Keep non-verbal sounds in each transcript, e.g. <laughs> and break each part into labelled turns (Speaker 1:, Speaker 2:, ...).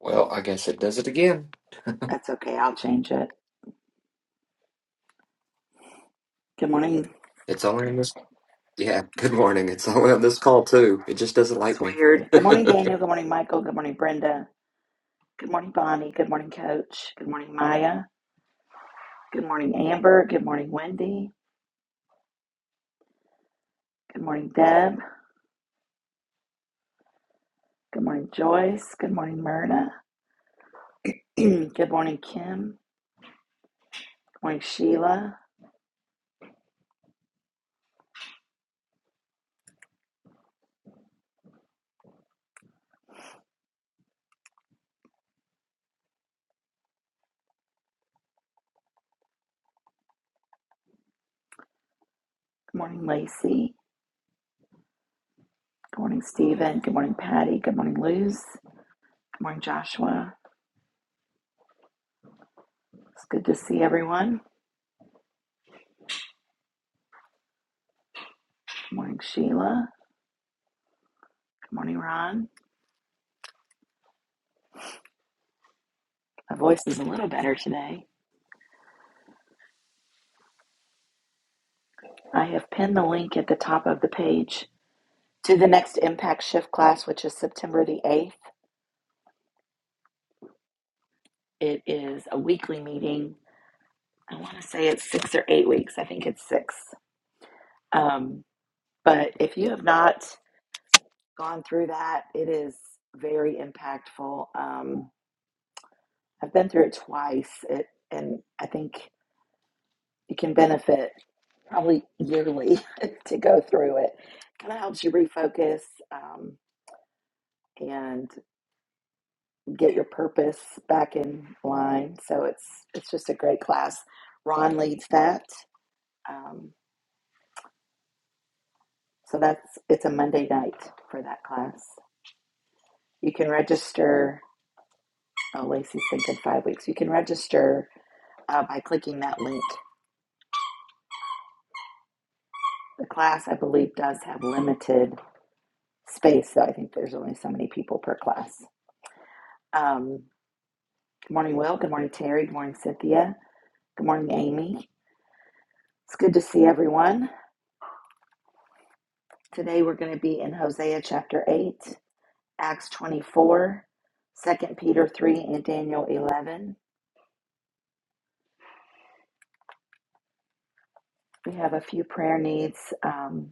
Speaker 1: Well, I guess it does it again.
Speaker 2: That's okay. I'll change it. Good morning,
Speaker 1: It's only on this. Yeah, <laughs> good morning. It's only on this call, too. It just doesn't
Speaker 2: it's
Speaker 1: like me. <laughs>
Speaker 2: Good morning, Daniel. Good morning, Michael. Good morning, Brenda. Good morning, Bonnie. Good morning, Coach. Good morning, Maya. Good morning, Amber. Good morning, Wendy. Good morning, Deb. Good morning, Joyce. Good morning, Myrna. <clears throat> Good morning, Kim. Good morning, Sheila. Good morning, Lacey. Good morning, Stephen. Good morning, Patty. Good morning, Luz. Good morning, Joshua. It's good to see everyone. Good morning, Sheila. Good morning, Ron. My voice is a little better today. I have pinned the link at the top of the page to the next Impact Shift class, which is September the 8th. It is a weekly meeting. I want to say it's six or eight weeks. I think it's six. Um, but if you have not gone through that, it is very impactful. Um, I've been through it twice, it, and I think you can benefit probably yearly <laughs> to go through it. Kind of helps you refocus um, and get your purpose back in line. So it's it's just a great class. Ron leads that. Um, so that's it's a Monday night for that class. You can register. Oh, Lacey's thinking five weeks. You can register uh, by clicking that link. The class, I believe, does have limited space, so I think there's only so many people per class. Um, good morning, Will. Good morning, Terry. Good morning, Cynthia. Good morning, Amy. It's good to see everyone. Today we're going to be in Hosea chapter 8. Acts 24, Second Peter 3, and Daniel 11. We have a few prayer needs um,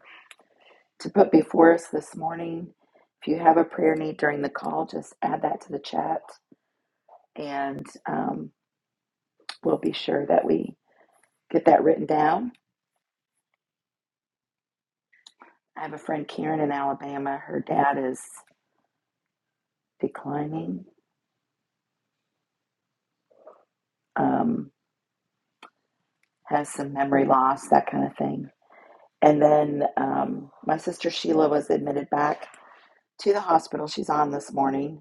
Speaker 2: to put before us this morning. If you have a prayer need during the call, just add that to the chat and um, we'll be sure that we get that written down. I have a friend, Karen, in Alabama. Her dad is declining, um, has some memory loss, that kind of thing. And then um, my sister Sheila was admitted back to the hospital. She's on this morning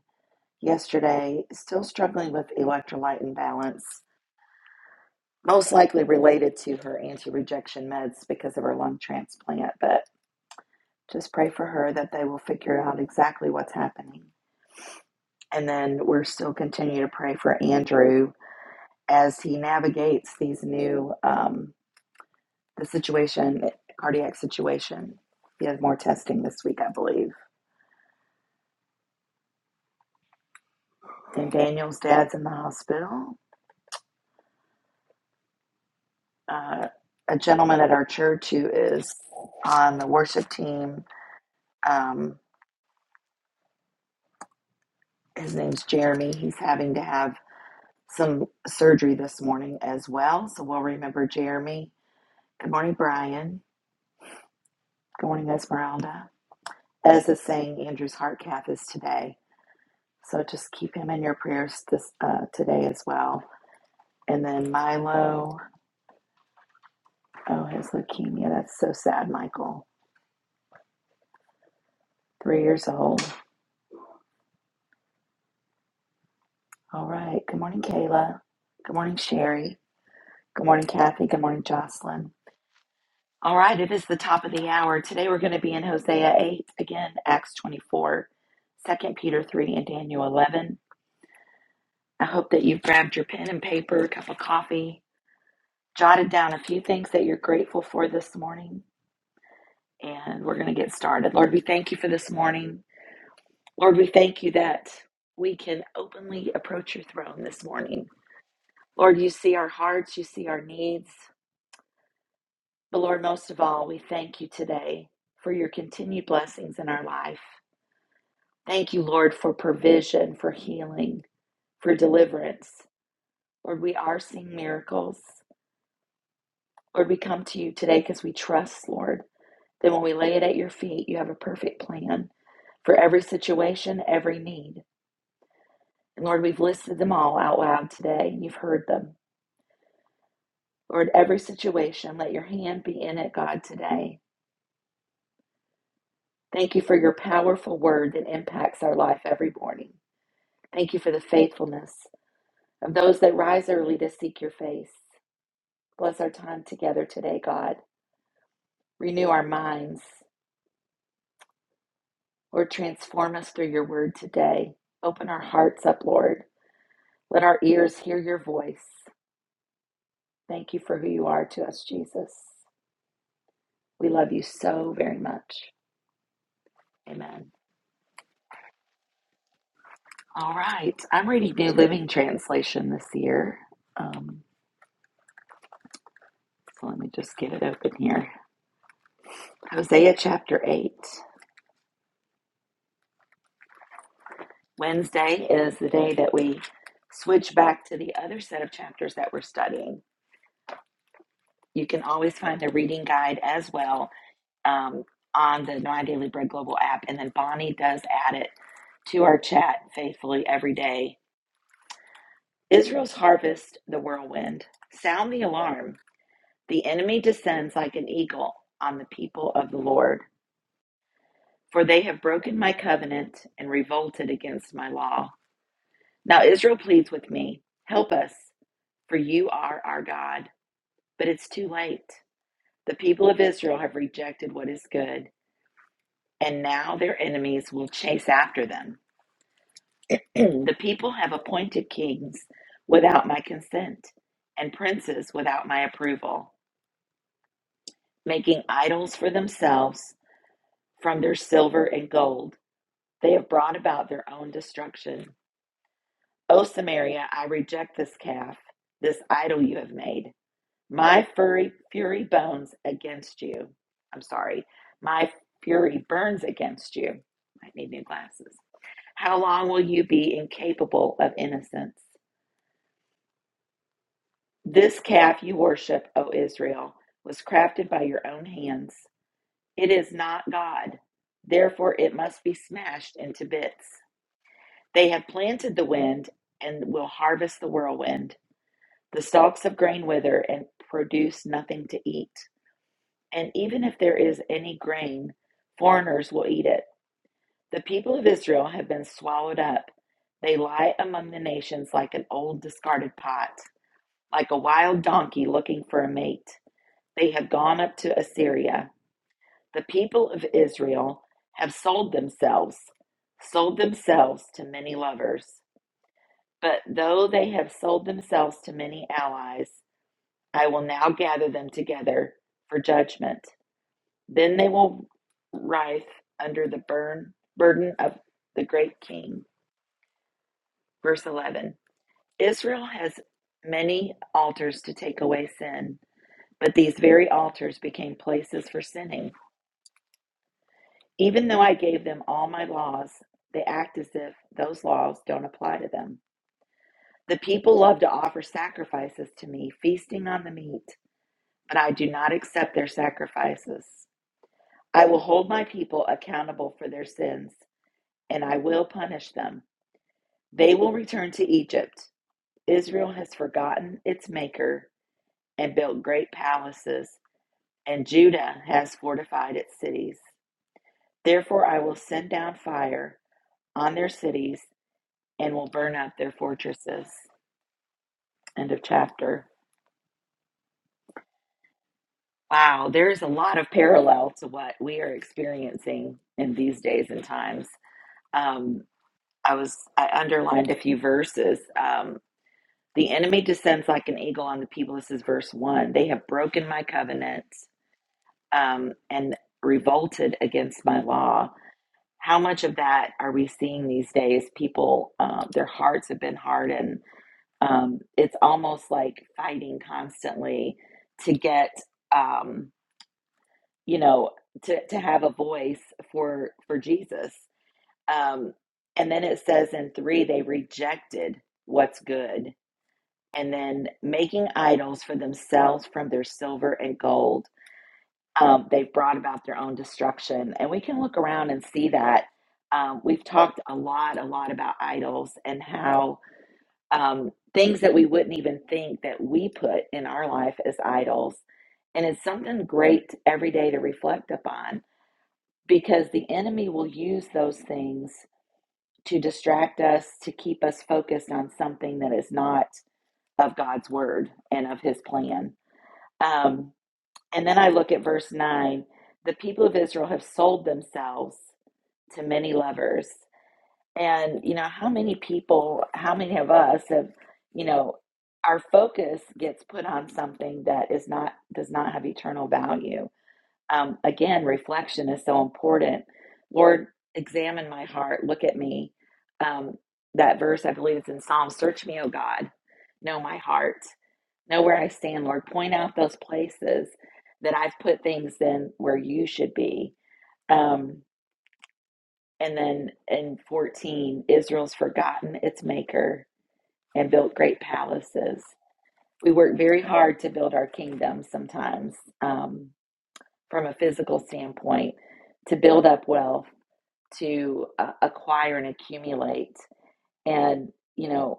Speaker 2: yesterday, still struggling with electrolyte imbalance, most likely related to her anti rejection meds because of her lung transplant. But just pray for her that they will figure out exactly what's happening. And then we're still continuing to pray for Andrew as he navigates these new um, the situation, cardiac situation. He has more testing this week, I believe. And Daniel's dad's in the hospital. Uh, a gentleman at our church who is on the worship team Um, his name's Jeremy. He's having to have some surgery this morning as well. So we'll remember Jeremy. Good morning, Brian. Good morning, Esmeralda. As is saying, Andrew's heart cath is today. So just keep him in your prayers this, uh, today as well. And then Milo. Oh, his leukemia. That's so sad, Michael. Three years old. All right. Good morning, Kayla. Good morning, Sherry. Good morning, Kathy. Good morning, Jocelyn. All right, it is the top of the hour. Today we're going to be in Hosea 8, again, Acts 24, Second Peter 3, and Daniel 11. I hope that you've grabbed your pen and paper, a cup of coffee, jotted down a few things that you're grateful for this morning, and we're going to get started. Lord, we thank you for this morning. Lord, we thank you that we can openly approach your throne this morning. Lord, you see our hearts, you see our needs, but Lord, most of all, we thank you today for your continued blessings in our life. Thank you, Lord, for provision, for healing, for deliverance. Lord, we are seeing miracles. Lord, we come to you today because we trust, Lord, that when we lay it at your feet, you have a perfect plan for every situation, every need. And Lord, we've listed them all out loud today. and You've heard them. Lord, every situation, let your hand be in it, God, today. Thank you for your powerful word that impacts our life every morning. Thank you for the faithfulness of those that rise early to seek your face. Bless our time together today, God. Renew our minds. Lord, transform us through your word today. Open our hearts up, Lord. Let our ears hear your voice. Thank you for who you are to us, Jesus. We love you so very much. Amen. All right. I'm reading New Living Translation this year. Um, so let me just get it open here. Hosea chapter 8. Wednesday is the day that we switch back to the other set of chapters that we're studying. You can always find the reading guide as well um, on the My Daily Bread Global app. And then Bonnie does add it to our chat faithfully every day. Israel's harvest, the whirlwind. Sound the alarm. The enemy descends like an eagle on the people of the Lord, for they have broken my covenant and revolted against my law. Now Israel pleads with me, Help us, for you are our God. But it's too late. The people of Israel have rejected what is good. and now their enemies will chase after them. <clears throat> the people have appointed kings without my consent, and princes without my approval, making idols for themselves from their silver and gold. They have brought about their own destruction. O Samaria, I reject this calf, this idol you have made. My fury, fury bones against you. I'm sorry, my fury burns against you. I need new glasses. How long will you be incapable of innocence? This calf you worship, O Israel, was crafted by your own hands. It is not God. Therefore, it must be smashed into bits. They have planted the wind and will harvest the whirlwind. The stalks of grain wither and produce nothing to eat. And even if there is any grain, foreigners will eat it. The people of Israel have been swallowed up. They lie among the nations like an old discarded pot. like a wild donkey looking for a mate. They have gone up to Assyria. The people of Israel have sold themselves, sold themselves to many lovers. But though they have sold themselves to many allies, I will now gather them together for judgment. Then they will writhe under the burn, burden of the great king. Verse 11 Israel has many altars to take away sin But these very altars became places for sinning. Even though I gave them all my laws, they act as if those laws don't apply to them. The people love to offer sacrifices to me, feasting on the meat, but I do not accept their sacrifices. I will hold my people accountable for their sins, and I will punish them. They will return to Egypt. Israel has forgotten its maker and built great palaces, and Judah has fortified its cities. Therefore, I will send down fire on their cities and will burn up their fortresses. End of chapter. Wow, there's a lot of parallel to what we are experiencing in these days and times. Um, I was I underlined a few verses. Um, the enemy descends like an eagle on the people. This is verse one. They have broken my covenant um, and revolted against my law. How much of that are we seeing these days? People, uh, their hearts have been hardened um, it's almost like fighting constantly to get um, you know to, to have a voice for for jesus um, and then it says in three they rejected what's good and then making idols for themselves from their silver and gold um, they've brought about their own destruction and we can look around and see that um, we've talked a lot a lot about idols and how um, things that we wouldn't even think that we put in our life as idols. And it's something great every day to reflect upon because the enemy will use those things to distract us, to keep us focused on something that is not of God's word and of his plan. Um, and then I look at verse 9 the people of Israel have sold themselves to many lovers. And, you know, how many people, how many of us have, you know, our focus gets put on something that is not, does not have eternal value. Um, again, reflection is so important. Lord, examine my heart, look at me. Um, that verse, I believe it's in Psalms. search me, O God, know my heart, know where I stand, Lord. Point out those places that I've put things in where you should be. Um, and then in 14, Israel's forgotten its maker and built great palaces. We work very hard to build our kingdom sometimes um, from a physical standpoint, to build up wealth, to uh, acquire and accumulate. And, you know,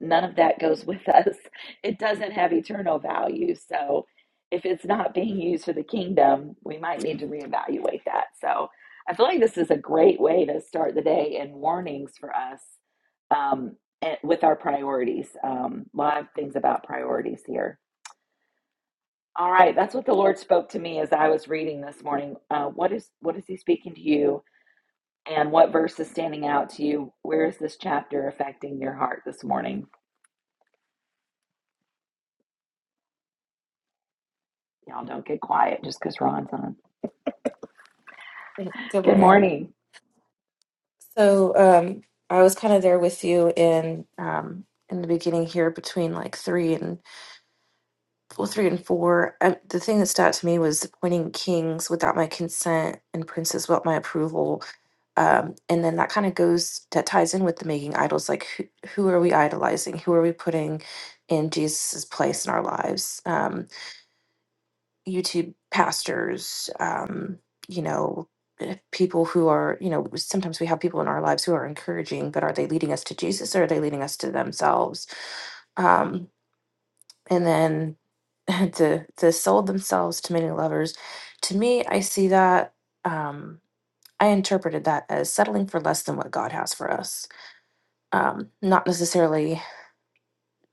Speaker 2: none of that goes with <laughs> us. It doesn't have eternal value. So if it's not being used for the kingdom, we might need to reevaluate that. So I feel like this is a great way to start the day and warnings for us um, and with our priorities. Um, a lot of things about priorities here. All right, that's what the Lord spoke to me as I was reading this morning. Uh, what is what is He speaking to you, and what verse is standing out to you? Where is this chapter affecting your heart this morning? Y'all don't get quiet just because Ron's on.
Speaker 3: Good
Speaker 2: Good
Speaker 3: morning.
Speaker 2: morning.
Speaker 3: So, um, I was kind of there with you in um, in the beginning here between like three and well, three and four. Um the thing that stood out to me was appointing kings without my consent and princes without my approval. Um, and then that kind of goes that ties in with the making idols. Like, who, who are we idolizing? Who are we putting in Jesus's place in our lives? Um, YouTube pastors, um, you know, eh, people who are, you know, sometimes we have people in our lives who are encouraging, but are they leading us to Jesus or are they leading us to themselves? Um, and then <laughs> the the sold themselves to many lovers. To me, I see that. Um, I interpreted that as settling for less than what God has for us. Um, not necessarily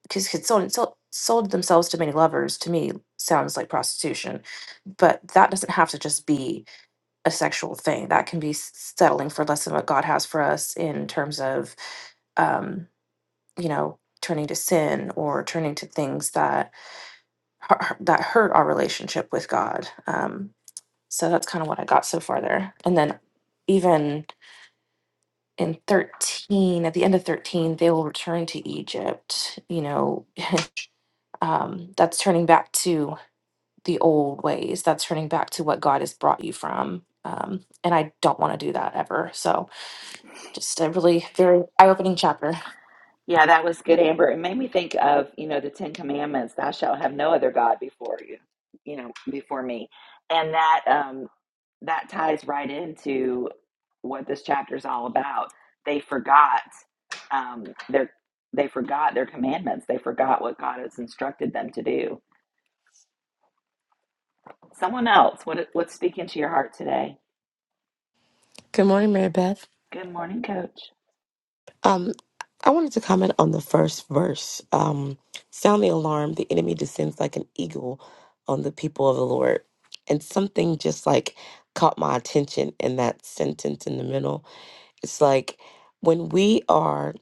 Speaker 3: because sold, sold sold themselves to many lovers to me sounds like prostitution, but that doesn't have to just be a sexual thing that can be s- settling for less than what god has for us in terms of um you know turning to sin or turning to things that hu- that hurt our relationship with god um so that's kind of what i got so far there and then even in 13 at the end of 13 they will return to egypt you know um that's turning back to the old ways that's turning back to what god has brought you from um and i don't want to do that ever so Just a really very eye opening chapter.
Speaker 2: Yeah, that was good, Amber. It made me think of, you know, the Ten Commandments, thou shalt have no other God before you, you know, before me. And that um that ties right into what this chapter is all about. They forgot um their they forgot their commandments. They forgot what God has instructed them to do. Someone else, what what's speaking to your heart today?
Speaker 4: Good morning, Mary Beth.
Speaker 2: Good morning, coach.
Speaker 4: Um, I wanted to comment on the first verse. Um, Sound the alarm, the enemy descends like an eagle on the people of the Lord. And something just like caught my attention in that sentence in the middle. It's like when we are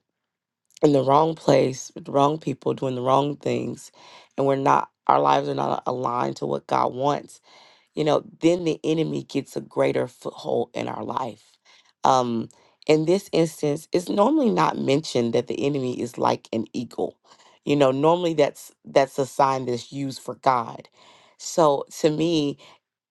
Speaker 4: in the wrong place with the wrong people doing the wrong things, and we're not, our lives are not aligned to what God wants you know, then the enemy gets a greater foothold in our life. Um, in this instance, it's normally not mentioned that the enemy is like an eagle. You know, normally that's that's a sign that's used for God. So to me,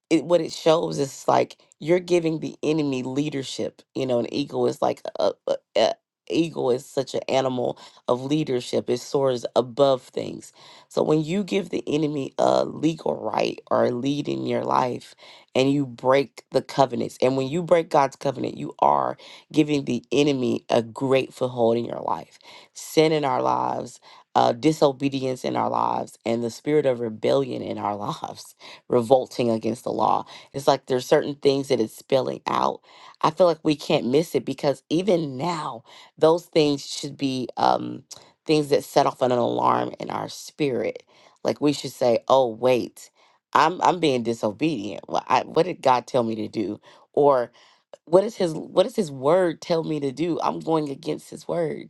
Speaker 4: it what it shows is like you're giving the enemy leadership. You know, an eagle is like a, a, a- eagle is such an animal of leadership. It soars above things. So when you give the enemy a legal right or a lead in your life, and you break the covenants, and when you break God's covenant, you are giving the enemy a great foothold in your life. Sin in our lives. Uh, disobedience in our lives and the spirit of rebellion in our <laughs> lives revolting against the law. It's like there's certain things that it's spelling out. I feel like we can't miss it because even now, those things should be um, things that set off an alarm in our spirit. Like we should say, "Oh wait, I'm I'm being disobedient. What, I, what did God tell me to do?" Or what is His what does His word tell me to do? I'm going against His word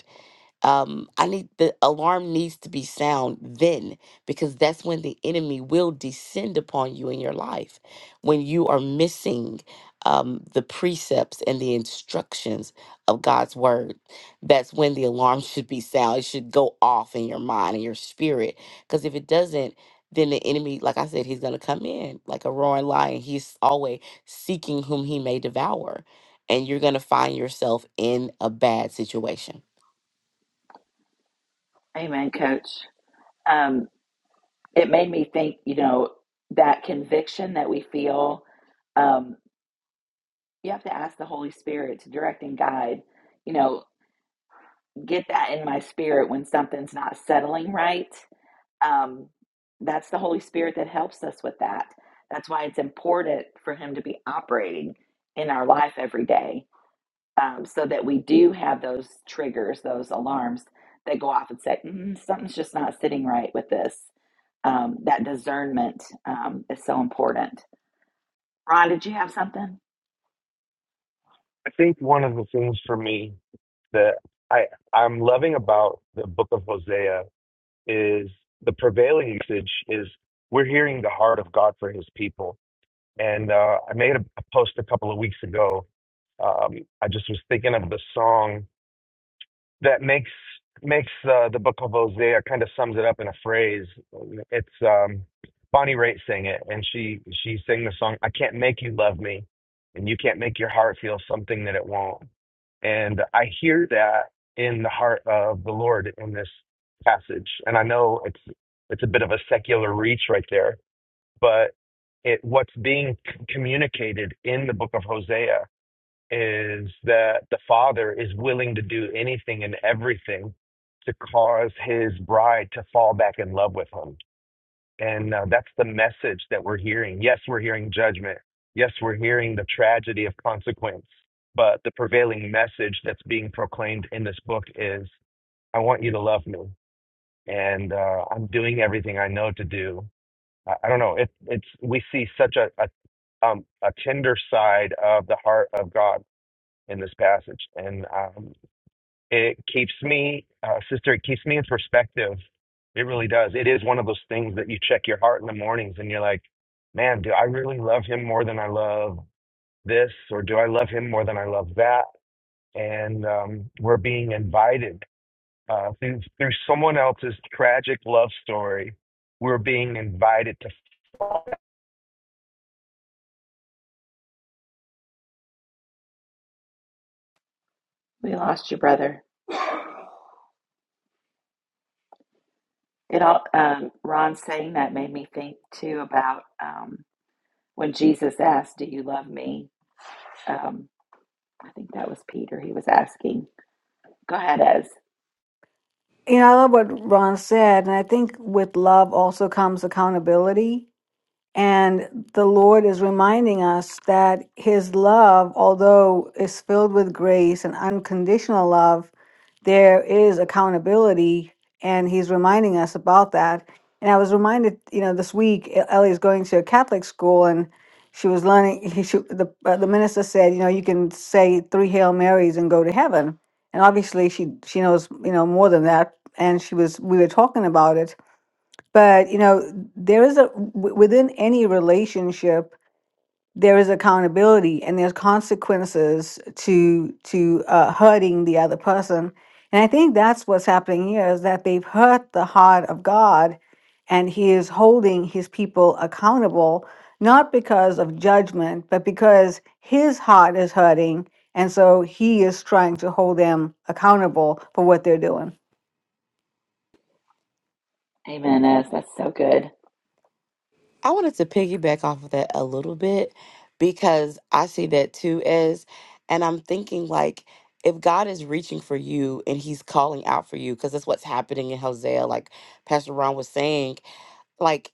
Speaker 4: um i need the alarm needs to be sound then because that's when the enemy will descend upon you in your life when you are missing um, the precepts and the instructions of god's word that's when the alarm <laughs> should be sound it should go off in your mind and your spirit because if it doesn't then the enemy like i said he's going to come in like a roaring lion he's always seeking whom he may devour and you're going to find yourself in a bad situation
Speaker 2: Amen, coach. Um. it made me think, you know, that conviction that we feel, um, you have to ask the Holy Spirit to direct and guide, you know, get that in my spirit when something's not settling right. Um, that's the Holy Spirit that helps us with that. That's why it's important for Him to be operating in our life every day um, so that we do have those triggers, those alarms that go off and say, mm, something's just not sitting right with this. um, that discernment um, is so important. Ron, did you have something?
Speaker 5: I think one of the things for me that I I'm loving about the book of Hosea is the prevailing usage is we're hearing the heart of God for his people. And uh, I made a, a post a couple of weeks ago. Um, I just was thinking of the song that makes makes uh, the book of Hosea kind of sums it up in a phrase. It's um, Bonnie Raitt sang it, and she she sang the song "I Can't Make You Love Me," and you can't make your heart feel something that it won't. And I hear that in the heart of the Lord in this passage, and I know it's it's a bit of a secular reach right there, but it what's being c- communicated in the book of Hosea is that the father is willing to do anything and everything to cause his bride to fall back in love with him. And uh, that's the message that we're hearing. Yes, we're hearing judgment. Yes, we're hearing the tragedy of consequence. But the prevailing message that's being proclaimed in this book is I want you to love me. And uh, I'm doing everything I know to do. I, I don't know. It, it's, we see such a, a, um, a tender side of the heart of God in this passage, and um, it keeps me, uh, sister, it keeps me in perspective. It really does. It is one of those things that you check your heart in the mornings, and you're like, man, do I really love him more than I love this, or do I love him more than I love that? And um, we're being invited uh, through through someone else's tragic love story. We're being invited to.
Speaker 2: We lost you, brother. It all um, Ron saying that made me think too about um, when Jesus asked, "Do you love me?" Um, I think that was Peter. He was asking. Go ahead, Ez.
Speaker 6: You know, I love what Ron said, and I think with love also comes accountability. And the Lord is reminding us that His love, although is filled with grace and unconditional love, there is accountability. And He's reminding us about that. And I was reminded, you know, this week E- Ellie's going to a Catholic school and she was learning. He, she, the, uh, the minister said, you know, you can say three Hail Marys and go to heaven. And obviously she, she knows, you know, more than that. And she was, we were talking about it but you know there is a w- within any relationship there is accountability and there's consequences to to uh, hurting the other person and i think that's what's happening here is that they've hurt the heart of god and he is holding his people accountable not because of judgment but because his heart is hurting and so he is trying to hold them accountable for what they're doing
Speaker 2: Amen, Ez. That's so good.
Speaker 4: I wanted to piggyback off of that a little bit because I see that too as, and I'm thinking like, if God is reaching for you and He's calling out for you, because that's what's happening in Hosea, like Pastor Ron was saying, like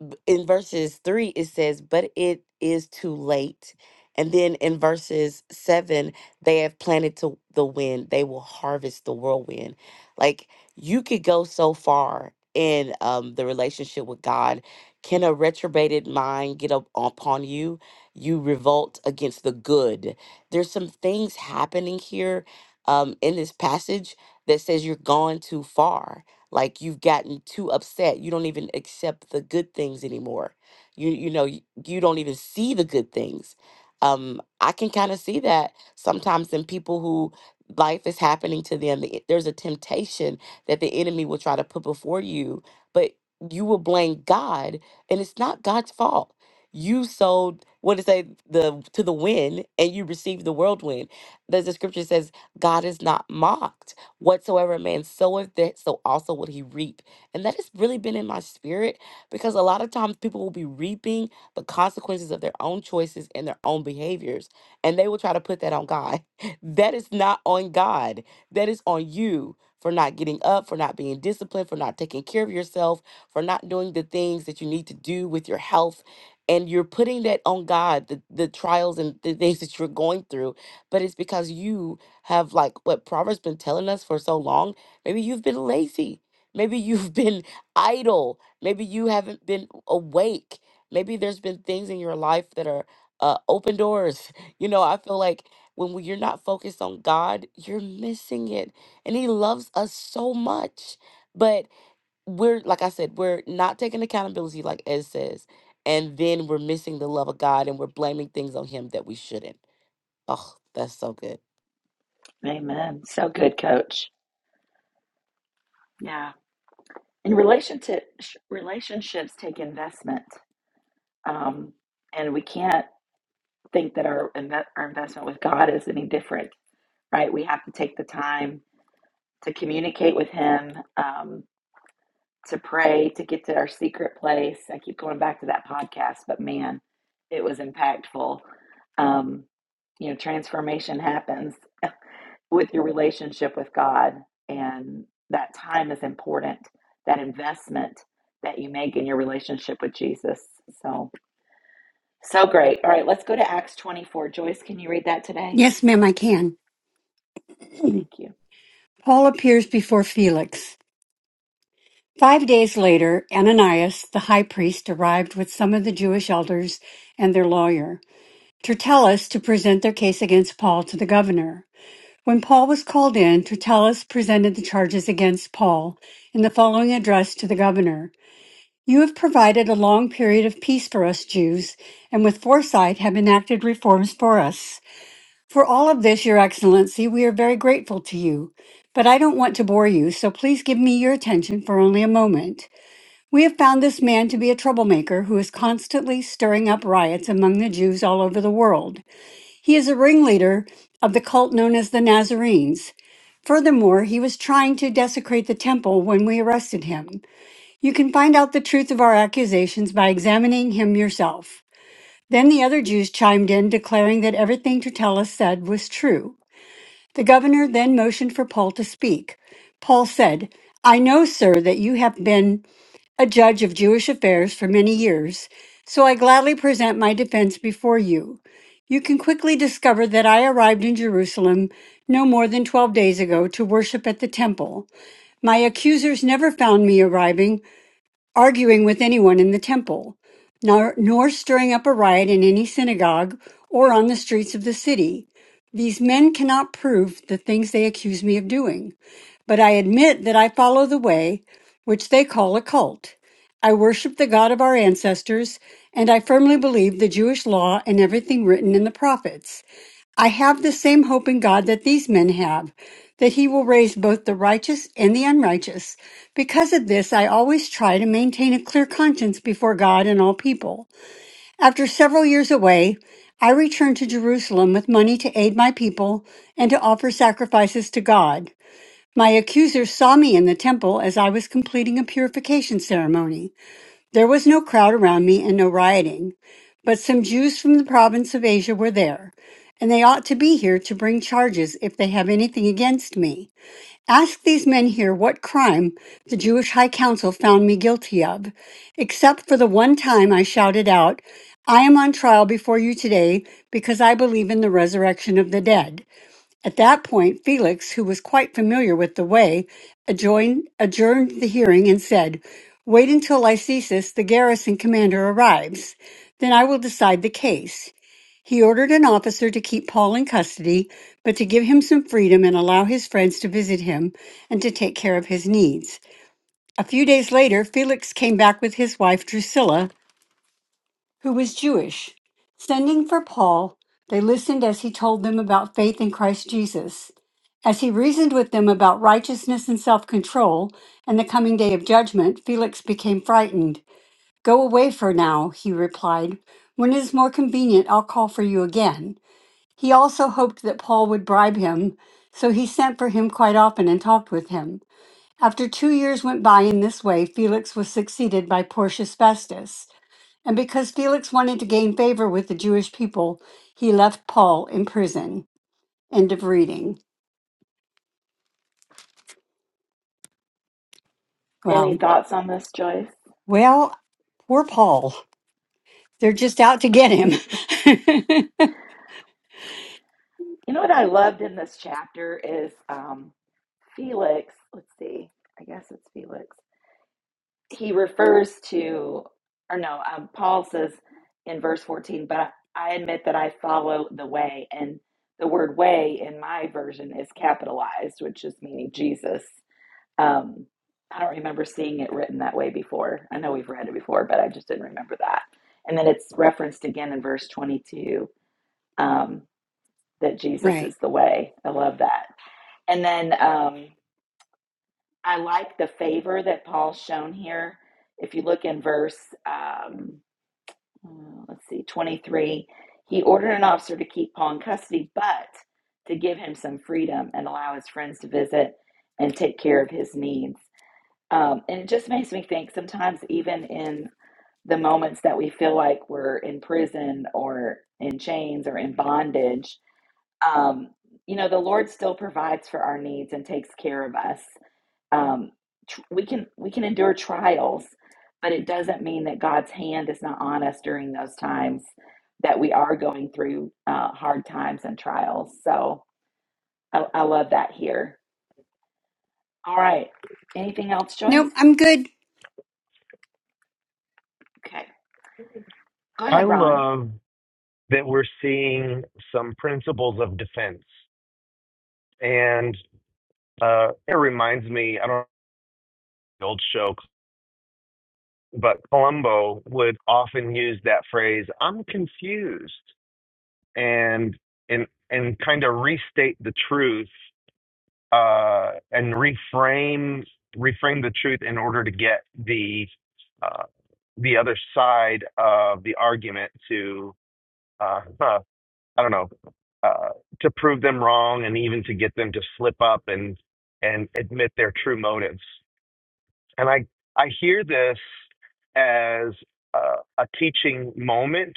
Speaker 4: b- in verses 3 it says but it is too late and then in verses 7 they have planted to the wind they will harvest the whirlwind like you could go so far in um, the relationship with god can a retrobated mind get up upon you you revolt against the good there's some things happening here um, in this passage that says you're gone too far like you've gotten too upset you don't even accept the good things anymore you you know you, you don't even see the good things um i can kind of see that sometimes in people who life is happening to them the- there's a temptation that the enemy will try to put before you but you will blame god and it's not god's fault you sold what to say the to the wind and you received the whirlwind there's a scripture that says god is not mocked Whatsoever a man soweth, that so also will he reap. And that has really been in my spirit because a lot of times people will be reaping the consequences of their own choices and their own behaviors, and they will try to put that on God. <laughs> That is not on God, that is on you. For not getting up, for not being disciplined, for not taking care of yourself, for not doing the things that you need to do with your health. And you're putting that on God, the, the trials and the things that you're going through. But it's because you have like what Proverbs been telling us for so long. Maybe you've been lazy. Maybe <laughs> you've been idle. Maybe you haven't been awake. Maybe there's been things in your life that are uh, open doors. <laughs> You know, I feel like when we, you're not focused on God, you're missing it. And He loves us so much. But we're, like I said, we're not taking accountability, like Ed says. And then we're missing the love of God and we're blaming things on Him that we shouldn't. Oh, that's so good.
Speaker 2: Amen. So good, Coach. Yeah. In relation to sh- relationships, take investment. Um, and we can't think that our, inve- our investment with God is any different, right? We have to take the time to communicate with Him, um, to pray, to get to our secret place. I keep going back to that podcast, but man, it was impactful. Um, you know, transformation happens with your relationship with God, and that time is important, that investment that you make in your relationship with Jesus. So, So great. All right, let's go to Acts 24. Joyce, can you read that today?
Speaker 7: Yes, ma'am, I can.
Speaker 2: Thank you.
Speaker 7: Paul appears before Felix. Five days later, Ananias, the high priest, arrived with some of the Jewish elders and their lawyer, Tertullus, to present their case against Paul to the governor. When Paul was called in, Tertullus presented the charges against Paul in the following address to the governor. You have provided a long period of peace for us Jews, and with foresight have enacted reforms for us. For all of this, Your Excellency, we are very grateful to you. But I don't want to bore you, so please give me your attention for only a moment. We have found this man to be a troublemaker who is constantly stirring up riots among the Jews all over the world. He is a ringleader of the cult known as the Nazarenes. Furthermore, he was trying to desecrate the temple when we arrested him. You can find out the truth of our accusations by examining him yourself. Then the other Jews chimed in, declaring that everything Tertullus said was true. The governor then motioned for Paul to speak. Paul said, I know, sir, that you have been a judge of Jewish affairs for many years, so I gladly present my defense before you. You can quickly discover that I arrived in Jerusalem no more than twelve days ago to worship at the temple. My accusers never found me arriving arguing with anyone in the temple, nor, nor stirring up a riot in any synagogue or on the streets of the city. These men cannot prove the things they accuse me of doing, but I admit that I follow the way which they call a cult. I worship the God of our ancestors, and I firmly believe the Jewish law and everything written in the prophets. I have the same hope in God that these men have, that he will raise both the righteous and the unrighteous. Because of this, I always try to maintain a clear conscience before God and all people. After several years away, I returned to Jerusalem with money to aid my people and to offer sacrifices to God. My accusers saw me in the temple as I was completing a purification ceremony. There was no crowd around me and no rioting, but some Jews from the province of Asia were there, and they ought to be here to bring charges if they have anything against me. Ask these men here what crime the Jewish High Council found me guilty of, except for the one time I shouted out, I am on trial before you today because I believe in the resurrection of the dead. At that point, Felix, who was quite familiar with the way, adjoined, adjourned the hearing and said, Wait until Lysisus, the garrison commander, arrives. Then I will decide the case. He ordered an officer to keep Paul in custody, but to give him some freedom and allow his friends to visit him and to take care of his needs. A few days later, Felix came back with his wife Drusilla who was Jewish. Sending for Paul, they listened as he told them about faith in Christ Jesus. As he reasoned with them about righteousness and self control and the coming day of judgment, Felix became frightened. Go away for now, he replied. When it is more convenient, I'll call for you again. He also hoped that Paul would bribe him, so he sent for him quite often and talked with him. After two years went by in this way, Felix was succeeded by Porcius Festus. And because Felix wanted to gain favor with the Jewish people, he left Paul in prison. End of reading.
Speaker 2: Any
Speaker 7: Well,
Speaker 2: thoughts on this, Joyce?
Speaker 7: well, poor Paul. They're just out to get him. <laughs>
Speaker 2: You know what I loved in this chapter is um, Felix. Let's see. I guess it's Felix. He refers to, or no, um, Paul says in verse 14, but I, I admit that I follow the way. And the word way in my version is capitalized, which is meaning Jesus. Um, I don't remember seeing it written that way before. I know we've read it before, but I just didn't remember that. And then it's referenced again in verse 22 um, that Jesus
Speaker 7: right.
Speaker 2: is the way. I love that. And then um, I like the favor that Paul's shown here. If you look in verse, um, uh, let's see, 23, he ordered an officer to keep Paul in custody, but to give him some freedom and allow his friends to visit and take care of his needs. Um, and it just makes me think sometimes, even in the moments that we feel like we're in prison or in chains or in bondage, um, you know, the Lord still provides for our needs and takes care of us. Um, tr- we can we can endure trials, but it doesn't mean that God's hand is not on us during those times that we are going through uh, hard times and trials. So I, I love that here. All right, anything else, Joyce?
Speaker 7: Nope, I'm good.
Speaker 2: Okay, go
Speaker 5: I
Speaker 2: ahead, Ron.
Speaker 5: love that we're seeing some principles of defense and. Uh, it reminds me, I don't know the old show, but Columbo would often use that phrase, I'm confused, and and and kind of restate the truth uh, and reframe reframe the truth in order to get the uh, the other side of the argument to uh, huh, I don't know uh, to prove them wrong and even to get them to slip up and and admit their true motives. And I, I hear this as a, a teaching moment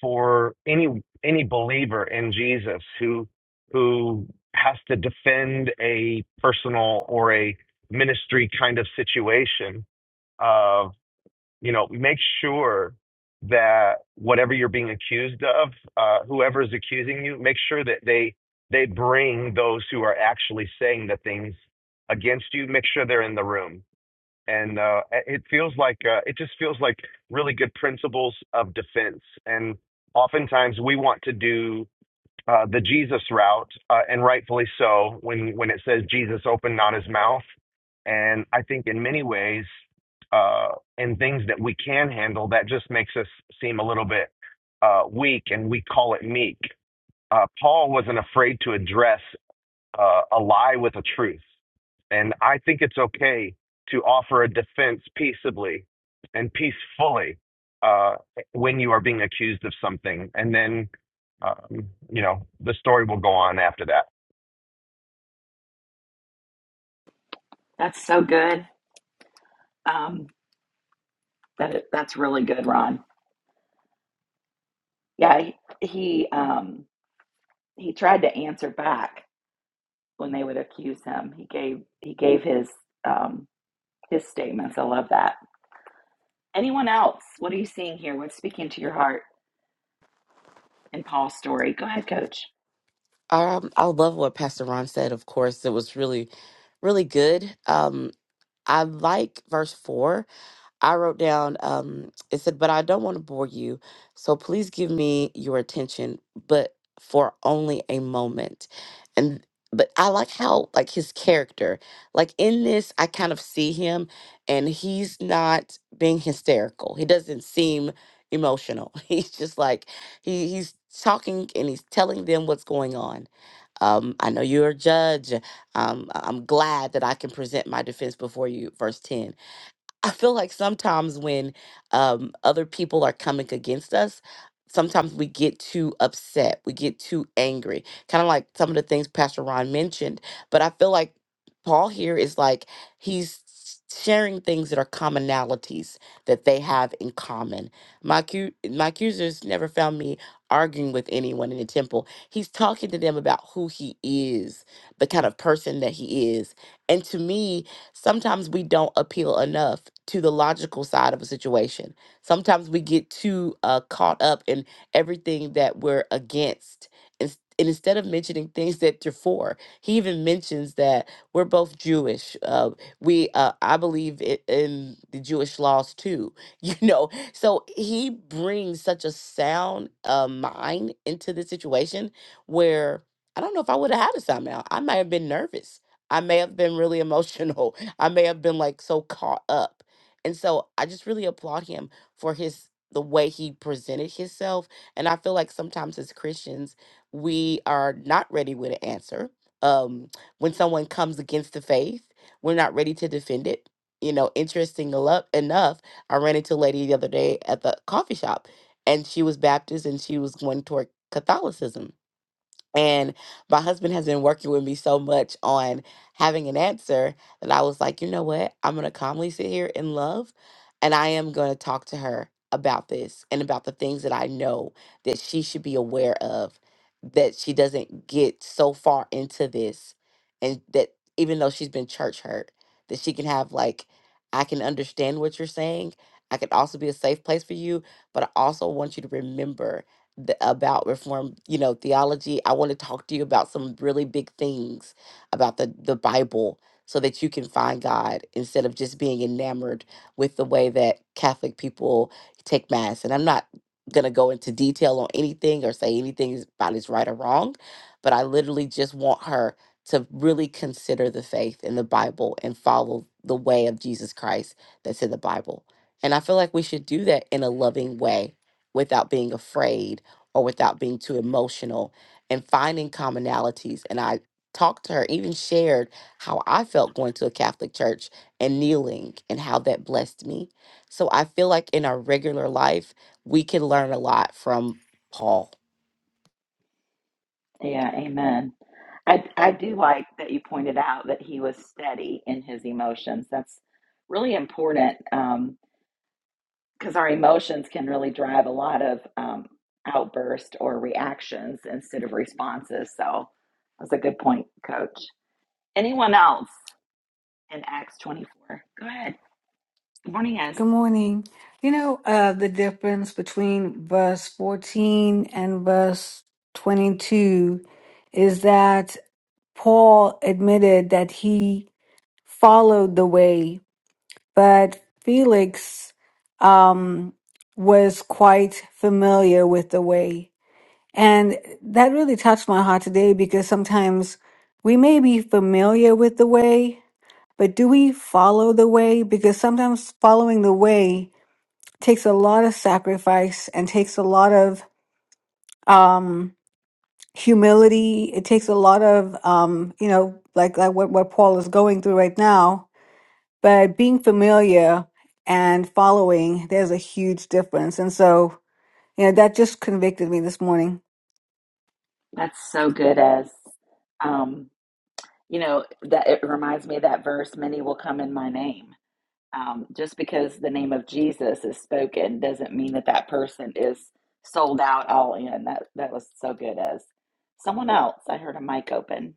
Speaker 5: for any any believer in Jesus who who has to defend a personal or a ministry kind of situation of you know make sure that whatever you're being accused of uh, whoever is accusing you make sure that they they bring those who are actually saying the things against you make sure they're in the room and uh, it feels like uh, it just feels like really good principles of defense. And oftentimes we want to do uh, the Jesus route, uh, and rightfully so, when when it says Jesus opened not his mouth. And I think in many ways, uh, in things that we can handle, that just makes us seem a little bit uh, weak, and we call it meek. Uh, Paul wasn't afraid to address uh, a lie with a truth. And I think it's okay to offer a defense peaceably and peacefully uh, when you are being accused of something. And then, um, you know, the story will go on after that.
Speaker 2: That's so good. Um, that it, that's really good, Ron. Yeah, he he, um, he tried to answer back when they would accuse him. He gave he gave his um, his statements. I love that. Anyone else? What are you seeing here? What's speaking to your heart in Paul's story? Go ahead, Coach.
Speaker 4: Um, I love what Pastor Ron said. Of course, it was really, really good. Um, I like verse four I wrote down, um, it said, but I don't want to bore you. So please give me your attention, but for only a moment. And, but I like how, like his character, like in this, I kind of see him and he's not being hysterical. He doesn't seem emotional. <laughs> He's just like, he, he's talking and he's telling them what's going on. Um, I know you're a judge. Um, I- I'm glad that I can present my defense before you. Verse 10. I feel like sometimes when um, other people are coming against us, sometimes we get too upset, we get too angry, kind of like some of the things Pastor Ron mentioned. But I feel like Paul here is like he's sharing things that are commonalities that they have in common. My accu- my accusers never found me arguing with anyone in the temple. He's talking to them about who he is, the kind of person that he is, and to me sometimes we don't appeal enough to the logical side of a situation. Sometimes we get too uh, caught up in everything that we're against. Ins- And instead of mentioning things that they're for, he even mentions that we're both Jewish. Uh, we, uh, I believe i- in the Jewish laws too. <laughs> You know, so he brings such a sound uh, mind into the situation where I don't know if I would have had a sound mind. I might have been nervous. I may have been really <laughs> emotional. I may have been like so caught up. And so I just really applaud him for his the way he presented himself. And I feel like sometimes as Christians, we are not ready with an answer. Um, when someone comes against the faith, we're not ready to defend it. You know, interesting elo- enough, I ran into a lady the other day at the coffee shop, and she was Baptist and she was going toward Catholicism and my husband has been working with me so much on having an answer that I was like, you know what? I'm going to calmly sit here in love and I am going to talk to her about this and about the things that I know that she should be aware of, that she doesn't get so far into this. And that even though she's been church hurt, that she can have, like, I can understand what you're saying. I can also be a safe place for you, but I also want you to remember th- about reform you know theology i want to talk to you about some really big things about the the bible so that you can find god instead of just being enamored with the way that catholic people take mass and i'm not going to go into detail on anything or say anything is- about is right or wrong but i literally just want her to really consider the faith in the bible and follow the way of jesus christ that's in the bible and i feel like we should do that in a loving way without being afraid or without being too emotional and finding commonalities. And I talked to her, even shared how I felt going to a Catholic church and kneeling and how that blessed me. So I feel like in our regular life, we can learn a lot from Paul
Speaker 2: Yeah, Amen. I I do like that you pointed out that he was steady in his emotions. That's really important. Um, because our emotions can really drive a lot of um, outburst or reactions instead of responses. So that's a good point, Coach. Anyone else in Acts 24? Go ahead. Good morning, Ez.
Speaker 6: Good morning. You know, uh, the difference between verse 14 and verse 22 is that Paul admitted that he followed the way, but Felix um, was quite familiar with the way. And that really touched my heart today because sometimes we may be familiar with the way, but do we follow the way? Because sometimes following the way takes a lot of sacrifice and takes a lot of um humility it takes a lot of um you know like like what, what paul is going through right now but being familiar and following there's a huge difference and so you know that just convicted me this morning
Speaker 2: That's so good, Ez. Um, you know, that it reminds me of that verse, many will come in my name. Um, just because the name of Jesus is spoken doesn't mean that that person is sold out all in. That that was so good, Ez. Someone else, I heard a mic open.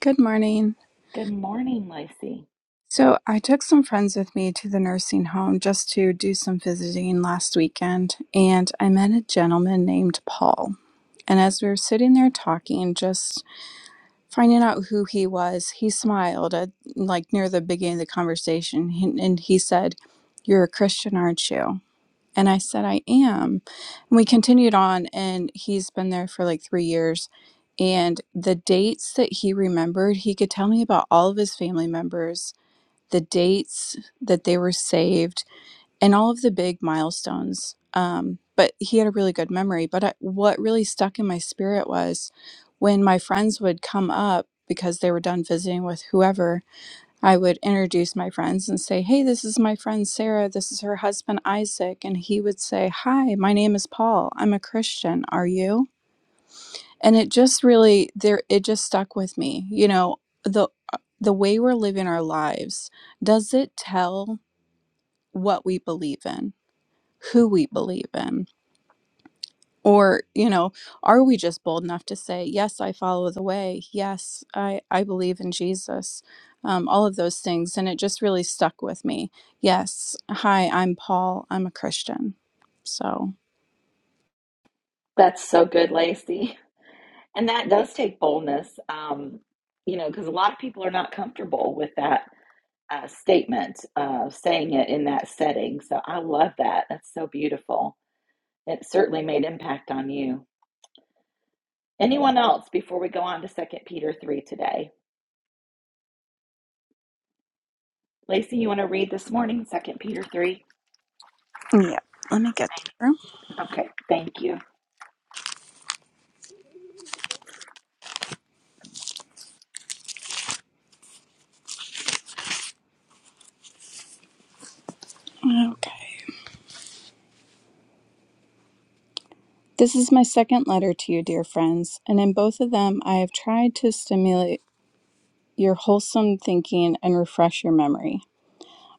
Speaker 8: Good morning.
Speaker 2: Good morning, Lacey.
Speaker 8: So, I took some friends with me to the nursing home just to do some visiting last weekend, and I met a gentleman named Paul. And as we were sitting there talking, just finding out who he was, he smiled at like near the beginning of the conversation he- and he said, You're a Christian, aren't you? And I said, I am. And we continued on, and he's been there for like three years. And the dates that he remembered, he could tell me about all of his family members the dates that they were saved, and all of the big milestones. Um, but he had a really good memory. But I, what really stuck in my spirit was when my friends would come up because they were done visiting with whoever, I would introduce my friends and say, Hey, this is my friend Sarah. This is her husband Isaac. And he would say, Hi, my name is Paul. I'm a Christian. Are you? And it just really, there, it just stuck with me. You know, the, the way we're living our lives, does it tell what we believe in, who we believe in. Or, you know, are we just bold enough to say, yes, I follow the way. Yes, I, I believe in Jesus. Um, all of those things. And it just really stuck with me. Yes. Hi, I'm Paul. I'm a Christian. So,
Speaker 2: That's so good, Lacey. And that does take boldness, um, you know, because a lot of people are not comfortable with that uh, statement, uh, saying it in that setting. So I love that. That's so beautiful. It certainly made impact on you. Anyone else before we go on to Second Peter 3 today? Lacey, you want to read this morning, Second Peter 3?
Speaker 8: yeah, let me get through.
Speaker 2: Okay, thank you.
Speaker 8: Okay. This is my second letter to you, dear friends. And in both of them, I have tried to stimulate your wholesome thinking and refresh your memory.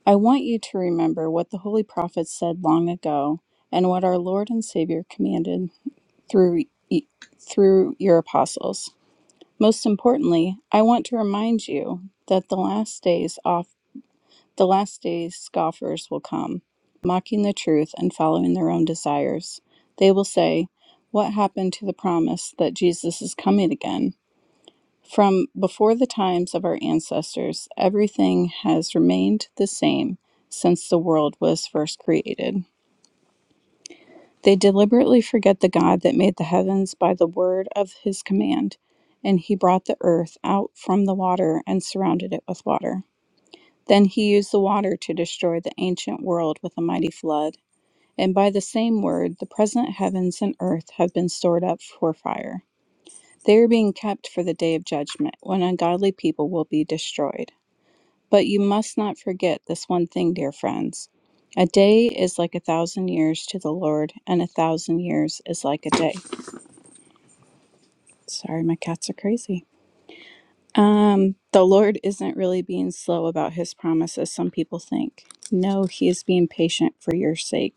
Speaker 8: I want you to remember what the holy prophets said long ago and what our Lord and Savior commanded through e- through your apostles. Most importantly, I want to remind you that the last days off the last days scoffers will come, mocking the truth and following their own desires. They will say, "What happened to the promise that Jesus is coming again?" From before the times of our ancestors, everything has remained the same since the world was first created. They deliberately forget the God that made the heavens by the word of his command, and he brought the earth out from the water and surrounded it with water. Then he used the water to destroy the ancient world with a mighty flood. And by the same word, the present heavens and earth have been stored up for fire. They are being kept for the day of judgment, when ungodly people will be destroyed. But you must not forget this one thing, dear friends. A day is like a thousand years to the Lord, and a thousand years is like a day. Sorry, my cats are crazy. Um, the Lord isn't really being slow about his promises, some people think. No, he is being patient for your sake.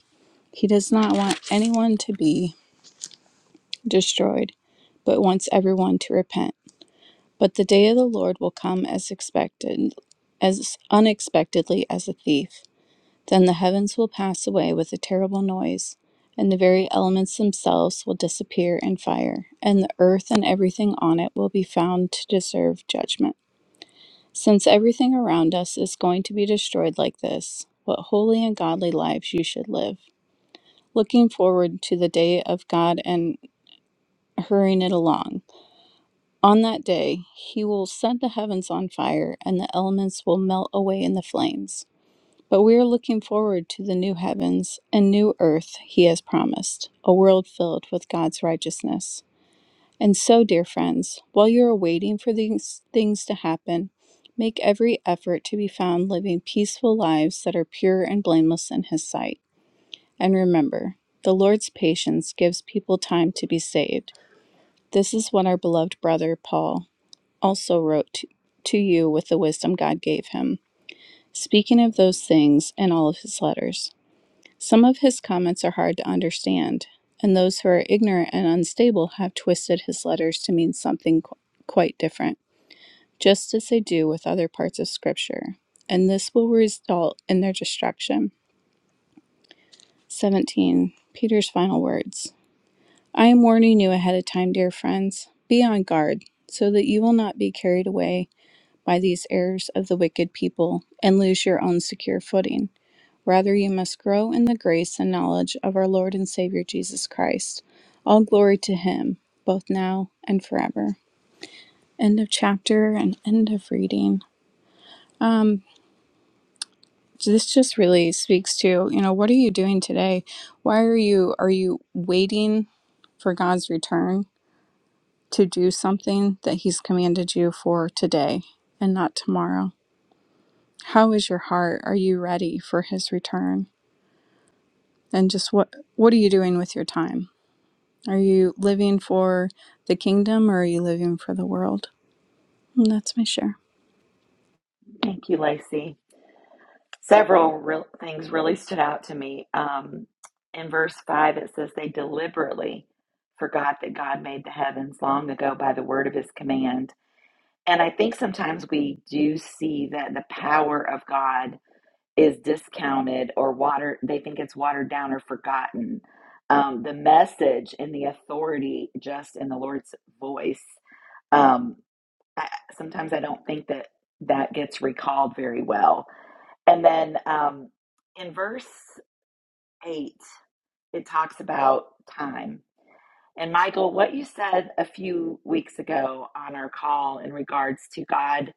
Speaker 8: He does not want anyone to be destroyed, but wants everyone to repent. But the day of the Lord will come as expected, as unexpectedly as a thief. Then the heavens will pass away with a terrible noise, and the very elements themselves will disappear in fire, and the earth and everything on it will be found to deserve judgment. Since everything around us is going to be destroyed like this, what holy and godly lives you should live, looking forward to the day of God and hurrying it along. On that day, He will set the heavens on fire, and the elements will melt away in the flames. But we are looking forward to the new heavens and new earth he has promised, a world filled with God's righteousness. And so, dear friends, while you are waiting for these things to happen, make every effort to be found living peaceful lives that are pure and blameless in his sight. And remember, the Lord's patience gives people time to be saved. This is what our beloved brother Paul also wrote to, to you with the wisdom God gave him, speaking of those things in all of his letters. Some of his comments are hard to understand, and those who are ignorant and unstable have twisted his letters to mean something qu- quite different, just as they do with other parts of Scripture, and this will result in their destruction. 17. Peter's final words I am warning you ahead of time, dear friends. Be on guard, so that you will not be carried away by these errors of the wicked people and lose your own secure footing. Rather, you must grow in the grace and knowledge of our Lord and Savior Jesus Christ. All glory to Him, both now and forever. End of chapter and end of reading. Um, this just really speaks to you know what are you doing today? Why are you are you waiting for God's return to do something that He's commanded you for today and not tomorrow? How is your heart? Are you ready for His return? And just what what are you doing with your time? Are you living for the kingdom or are you living for the world? And that's my share.
Speaker 2: Thank you, Lacey. Several real things really stood out to me. Um, in verse 5, it says, They deliberately forgot that God made the heavens long ago by the word of his command. And I think sometimes we do see that the power of God is discounted or watered, they think it's watered down or forgotten. Um, the message and the authority just in the Lord's voice. Um, I, sometimes I don't think that that gets recalled very well and then um, in verse 8, it talks about time. And Michael, what you said a few weeks ago on our call in regards to God,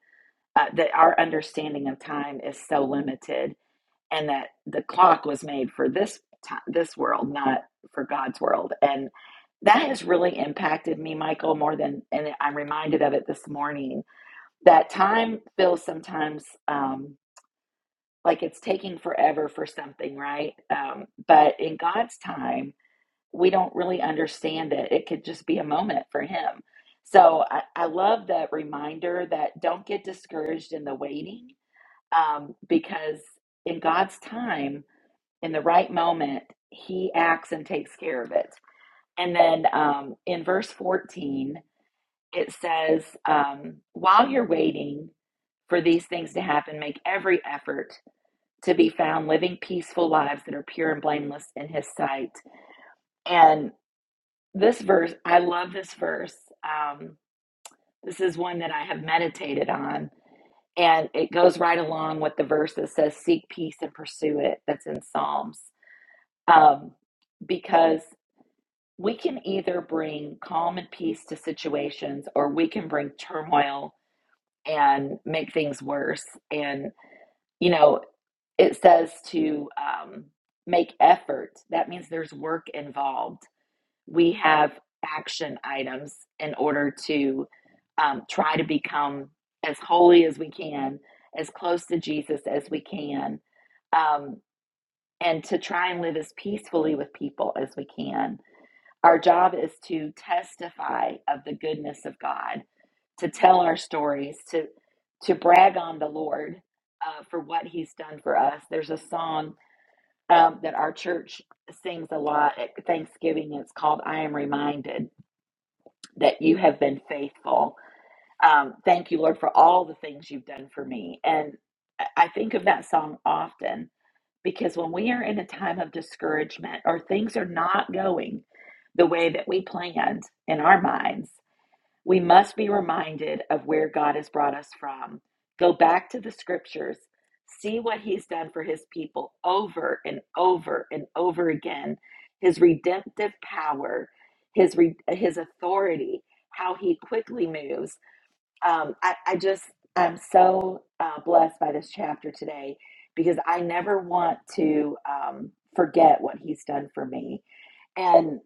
Speaker 2: uh, that our understanding of time is so limited and that the clock was made for this time, this world, not for God's world. And that has really impacted me, Michael, more than, and I'm reminded of it this morning, that time feels sometimes. Um, like it's taking forever for something, right? Um, but in God's time, we don't really understand it. It could just be a moment for Him. So I, I love that reminder that don't get discouraged in the waiting um, because in God's time, in the right moment, He acts and takes care of it. And then um, in verse 14, it says, um, while you're waiting for these things to happen, make every effort to be found living peaceful lives that are pure and blameless in his sight. And this verse, I love this verse. Um, this is one that I have meditated on, and it goes right along with the verse that says, Seek peace and pursue it, that's in Psalms. Um, because we can either bring calm and peace to situations, or we can bring turmoil and make things worse. And, you know, it says to um, make effort. That means there's work involved. We have action items in order to um, try to become as holy as we can, as close to Jesus as we can, um, and to try and live as peacefully with people as we can. Our job is to testify of the goodness of God, to tell our stories, to to brag on the Lord uh, for what He's done for us. There's a song um, that our church sings a lot at Thanksgiving. It's called I Am Reminded That You Have Been Faithful. Um, thank you, Lord, for all the things you've done for me. And I I think of that song often because when we are in a time of discouragement or things are not going the way that we planned in our minds, we must be reminded of where God has brought us from. Go back to the scriptures, see what he's done for his people over and over and over again. His redemptive power, his re- his authority, how he quickly moves. Um, I, I just I'm so uh, blessed by this chapter today because I never want to um, forget what he's done for me. and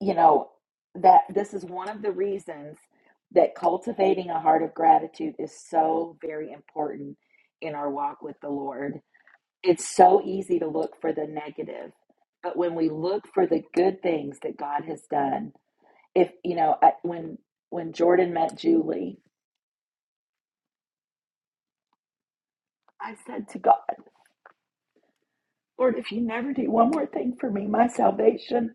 Speaker 2: you know that this is one of the reasons that cultivating a heart of gratitude is so very important in our walk with the Lord. It's so easy to look for the negative, but when we look for the good things that God has done, if you know, I, when when Jordan met Julie, I said to God, Lord, if you never do one more thing for me, my salvation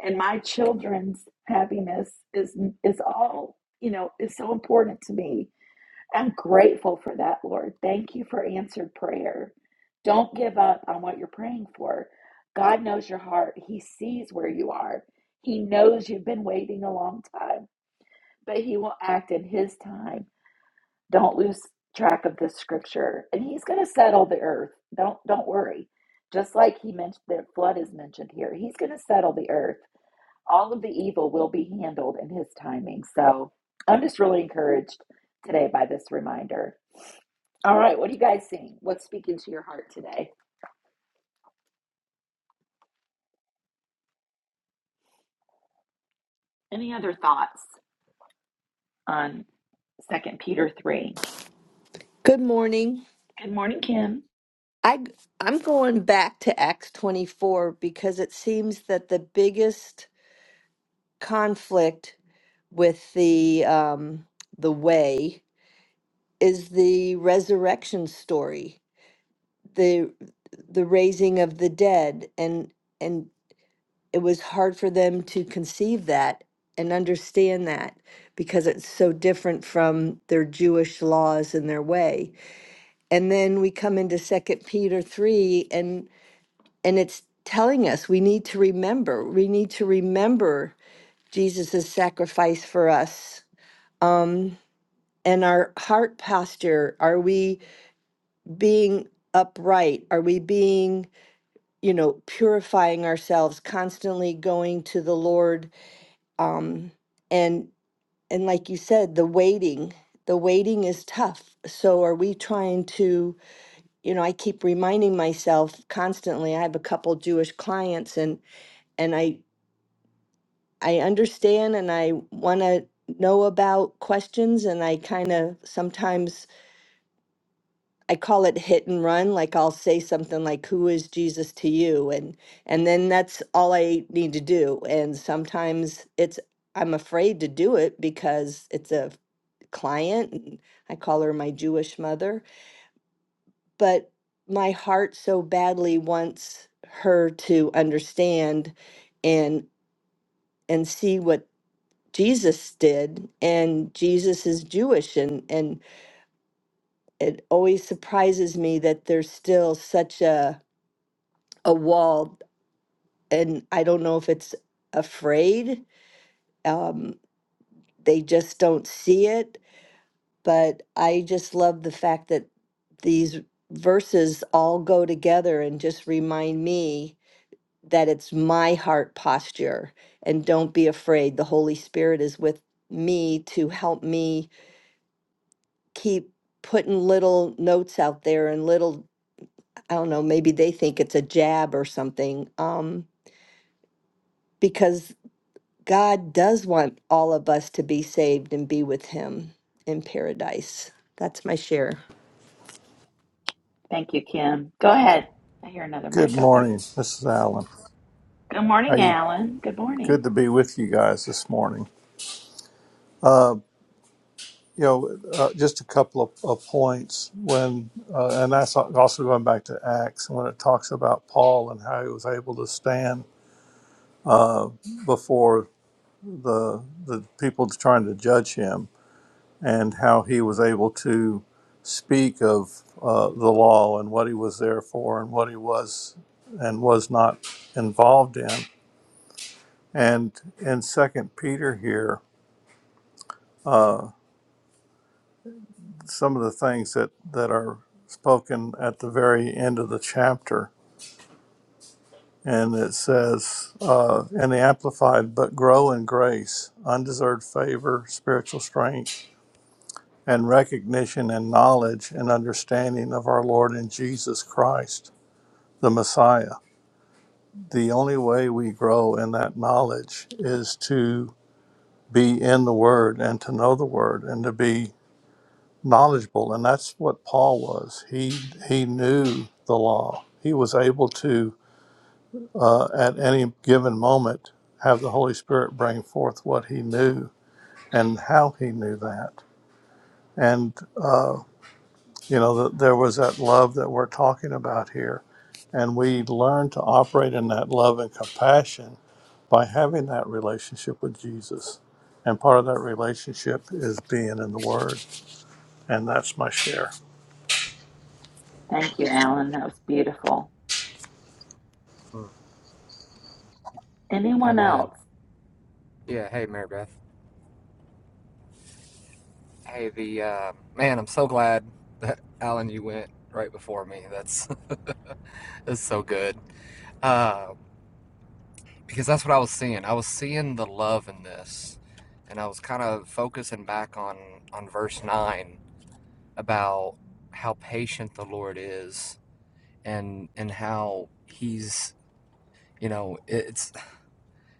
Speaker 2: and my children's happiness is is all, you know, is so important to me I'm grateful for that, Lord. Thank you for answered prayer. Don't give up on what you're praying for. God knows your heart. He sees where you are. He knows you've been waiting a long time, but He will act in His time. Don't lose track of this scripture, and He's going to settle the earth. Don't don't worry. Just like He mentioned, the flood is mentioned here. He's going to settle the earth. All of the evil will be handled in His timing. So I'm just really encouraged today by this reminder. All right, what are you guys seeing? What's speaking to your heart today? Any other thoughts on Second Peter 3?
Speaker 9: Good morning.
Speaker 2: Good morning, Kim.
Speaker 9: I I'm going back to Acts 24 because it seems that the biggest conflict with the um the way is the resurrection story. The the raising of the dead and and it was hard for them to conceive that and understand that because it's so different from their Jewish laws and their way. And then we come into Second Peter 3 and. And it's telling us we need to remember, we need to remember Jesus' sacrifice for us. Um, and our heart posture are we being upright? Are we being, you know, purifying ourselves, constantly going to the Lord? Um, and and like you said, the waiting, the waiting is tough. So are we trying to, you know, I keep reminding myself constantly. I have a couple Jewish clients and and I I understand and I want to know about questions and I kind of sometimes I call it hit and run like I'll say something like who is Jesus to you and and then that's all I need to do and sometimes it's I'm afraid to do it because it's a client and I call her my Jewish mother but my heart so badly wants her to understand and and see what Jesus did, and Jesus is Jewish, and and it always surprises me that there's still such a a wall, and I don't know if it's afraid, um, they just don't see it. But I just love the fact that these verses all go together and just remind me that it's my heart posture, and don't be afraid. The Holy Spirit is with me to help me keep putting little notes out there and little i don't know maybe they think it's a jab or something um because god does want all of us to be saved and be with him in paradise that's my share
Speaker 2: Thank you, Kim. Go ahead. I hear another
Speaker 10: Good
Speaker 2: mic open.
Speaker 10: morning. This is Alan.
Speaker 2: Good
Speaker 10: Are
Speaker 2: morning,
Speaker 10: you
Speaker 2: Alan. Good morning.
Speaker 10: good to be with you guys this morning? You know, uh, just a couple of, of points when, uh, and that's also going back to Acts when it talks about Paul and how he was able to stand before the the people trying to judge him, and how he was able to speak of uh, the law and what he was there for and what he was and was not involved in. And in Second Peter here. uh, some of the things that, that are spoken at the very end of the chapter. And it says, uh, in the Amplified, but grow in grace, undeserved favor, spiritual strength, and recognition and knowledge and understanding of our Lord and Jesus Christ, the Messiah. The only way we grow in that knowledge is to be in the Word and to know the Word and to be knowledgeable, and that's what Paul was. He he knew the law. He was able to, uh, at any given moment, have the Holy Spirit bring forth what he knew and how he knew that. And uh, you know, th- there was that love that we're talking about here, and we learn to operate in that love and compassion by having that relationship with Jesus. And part of that relationship is being in the Word, and that's my share.
Speaker 2: Thank you, Alan. That was beautiful.
Speaker 1: Mm,
Speaker 2: Anyone
Speaker 1: Amen.
Speaker 2: else?
Speaker 1: Yeah. Hey, Mary Beth. Hey, the uh, man. I'm so glad that Alan, you went right before me. That's <laughs> that's so good. Uh, because that's what I was seeing. I was seeing the love in this, and I was kind of focusing back on on verse nine about how patient the Lord is, and and how he's you know it's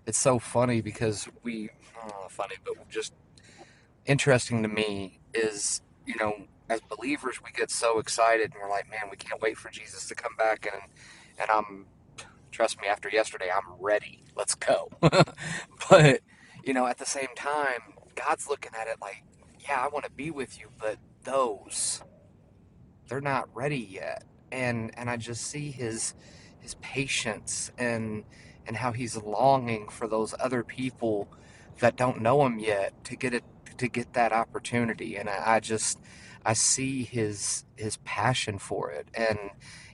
Speaker 1: it's so funny because we uh, funny but just interesting to me is you know as believers we get so excited and we're like man we can't wait for jesus to come back and and i'm trust me after yesterday i'm ready let's go <laughs> but you know at the same time god's looking at it like yeah i want to be with you but those they're not ready yet and and i just see his his patience and and how he's longing for those other people that don't know him yet to get it to get that opportunity and i, I just i see his his passion for it and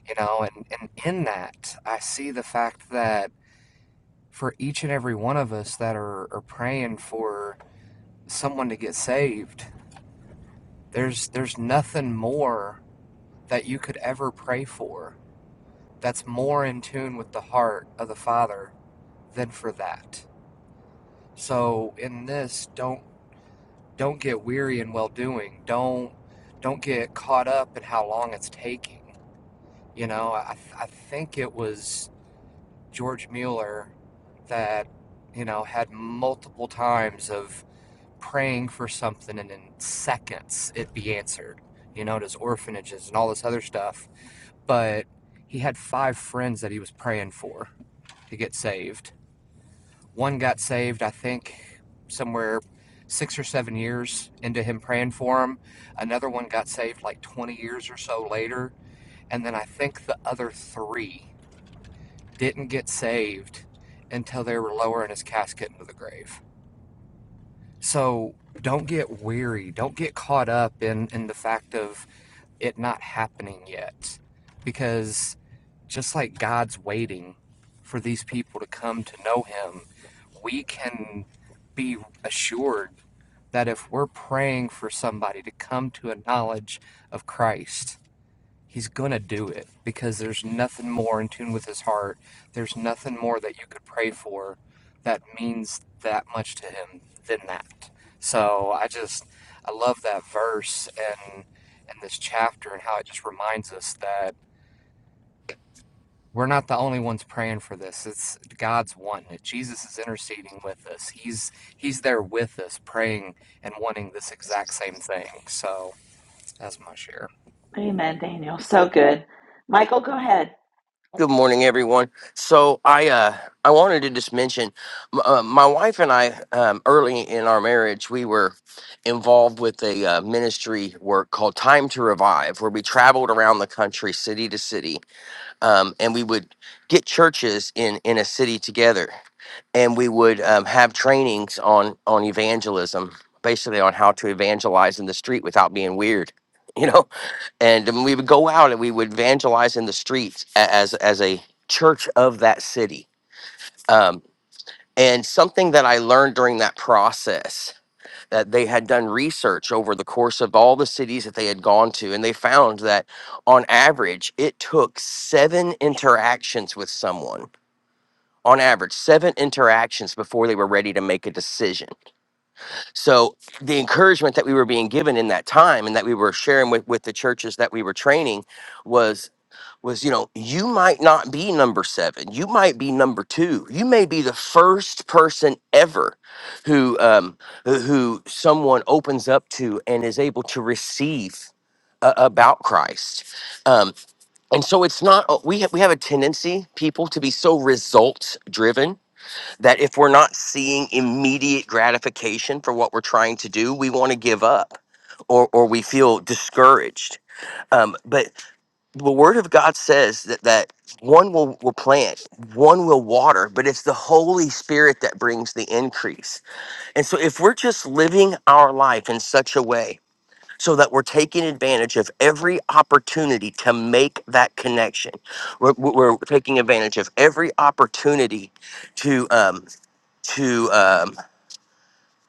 Speaker 1: you know and and in that i see the fact that for each and every one of us that are, are praying for someone to get saved there's there's nothing more that you could ever pray for that's more in tune with the heart of the Father than for that. So in this, don't don't get weary in well doing. Don't don't get caught up in how long it's taking. You know, I, I think it was George Mueller that you know had multiple times of praying for something and in seconds it be answered. You know, his orphanages and all this other stuff, but he had five friends that he was praying for to get saved One got saved, I think, somewhere six or seven years into him praying for him. Another one got saved like 20 years or so later. And then I think the other three didn't get saved until they were lowering his casket into the grave. So don't get weary. Don't get caught up in, in the fact of it not happening yet. Because just like God's waiting for these people to come to know Him, we can be assured that if we're praying for somebody to come to a knowledge of Christ, he's gonna do it because there's nothing more in tune with his heart. There's nothing more that you could pray for that means that much to him than that. So I just I love that verse and and this chapter and how it just reminds us that we're not the only ones praying for this. It's God's one. Jesus is interceding with us. He's he's there with us praying and wanting this exact same thing. So that's my share.
Speaker 2: Amen, Daniel. So good. Michael, go ahead.
Speaker 11: Good morning, everyone. So I uh, I wanted to just mention, m- uh, my wife and I um, early in our marriage we were involved with a uh, ministry work called Time to Revive, where we traveled around the country, city to city, um, and we would get churches in in a city together, and we would um, have trainings on on evangelism, basically on how to evangelize in the street without being weird, <laughs> you know and then we would go out and we would evangelize in the streets a- as as a church of that city. Um, and something that I learned during that process that they had done research over the course of all the cities that they had gone to, and they found that on average it took seven interactions with someone. On average, seven interactions before they were ready to make a decision. So, the encouragement that we were being given in that time and that we were sharing with, with the churches that we were training was you know you might not be number seven you might be number two you may be the first person ever who um who who someone opens up to and is able to receive uh, about christ um and so it's not uh, we have we have a tendency people to be so results driven that if we're not seeing immediate gratification for what we're trying to do we want to give up or or we feel discouraged um but the word of God says that that one will, will plant, one will water, but it's the Holy Spirit that brings the increase. And so if we're just living our life in such a way so that we're taking advantage of every opportunity to make that connection, we're, we're taking advantage of every opportunity to um, to um,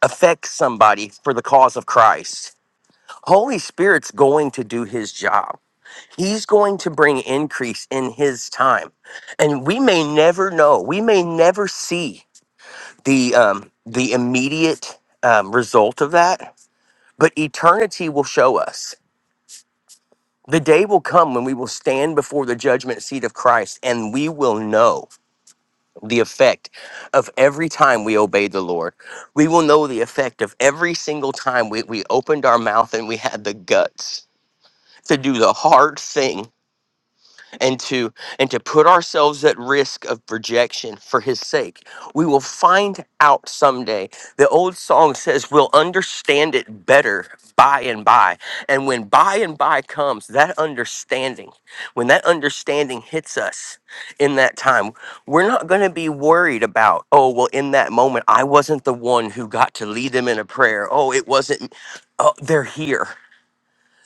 Speaker 11: affect somebody for the cause of Christ. Holy Spirit's going to do His job He's going to bring increase in his time. And we may never know. We may never see the um, the immediate um, result of that, but eternity will show us. The day will come when we will stand before the judgment seat of Christ and we will know the effect of every time we obeyed the Lord. We will know the effect of every single time we, we opened our mouth and we had the guts to do the hard thing and to and to put ourselves at risk of rejection for his sake we will find out someday the old song says we'll understand it better by and by and when by and by comes that understanding when that understanding hits us in that time we're not going to be worried about oh well in that moment i wasn't the one who got to lead them in a prayer oh it wasn't oh they're here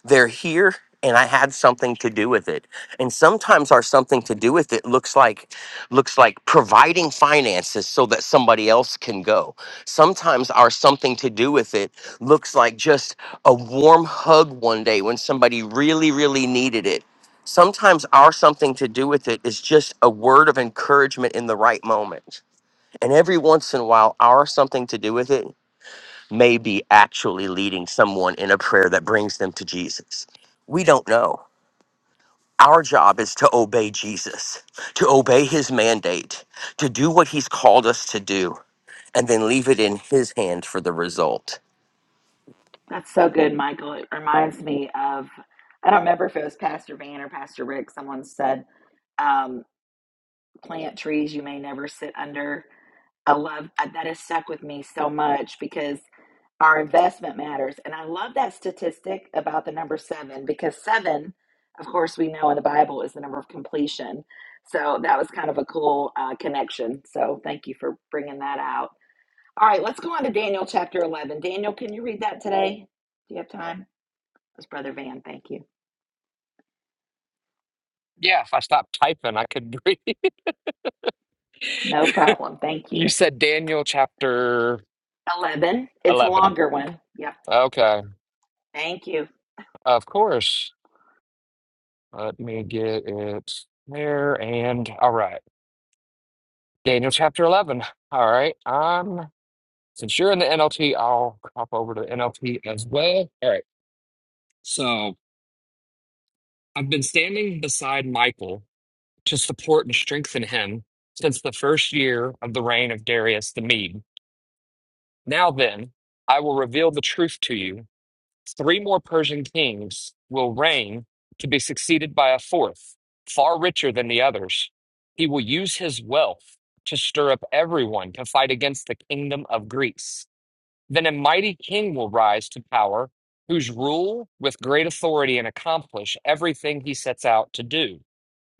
Speaker 11: they're here and i had something to do with it and sometimes our something to do with it looks like looks like providing finances so that somebody else can go sometimes our something to do with it looks like just a warm hug one day when somebody really really needed it sometimes our something to do with it is just a word of encouragement in the right moment and every once in a while our something to do with it may be actually leading someone in a prayer that brings them to Jesus. We don't know. Our job is to obey Jesus, to obey his mandate, to do what he's called us to do, and then leave it in his hand for the result.
Speaker 2: That's so good, Michael. It reminds me of, I don't remember if it was Pastor Van or Pastor Rick. Someone said, um, plant trees you may never sit under. I love uh, that has stuck with me so much because our investment matters. And I love that statistic about the number seven because seven, of course, we know in the Bible is the number of completion. So that was kind of a cool uh, connection. So thank you for bringing that out. All right, let's go on to Daniel chapter 11. Daniel, can you read that today? Do you have time? It's Brother Van. Thank you.
Speaker 1: Yeah, if I stopped typing, I could breathe. <laughs>
Speaker 2: No problem. Thank
Speaker 1: You
Speaker 2: you.
Speaker 1: said Daniel chapter
Speaker 2: 11. It's a
Speaker 1: 11.
Speaker 2: longer one. Yep.
Speaker 1: Okay,
Speaker 2: Thank you.
Speaker 1: of course. Let me get it there. And all right, Daniel chapter 11. All right, I'm since you're in the NLT, I'll hop over to NLT as well. All right, so I've been standing beside Michael to support and strengthen him since the first year of the reign of Darius the Mede. Now then, I will reveal the truth to you. Three more Persian kings will reign to be succeeded by a fourth, far richer than the others. He will use his wealth to stir up everyone to fight against the kingdom of Greece. Then a mighty king will rise to power, whose rule with great authority and accomplish everything he sets out to do.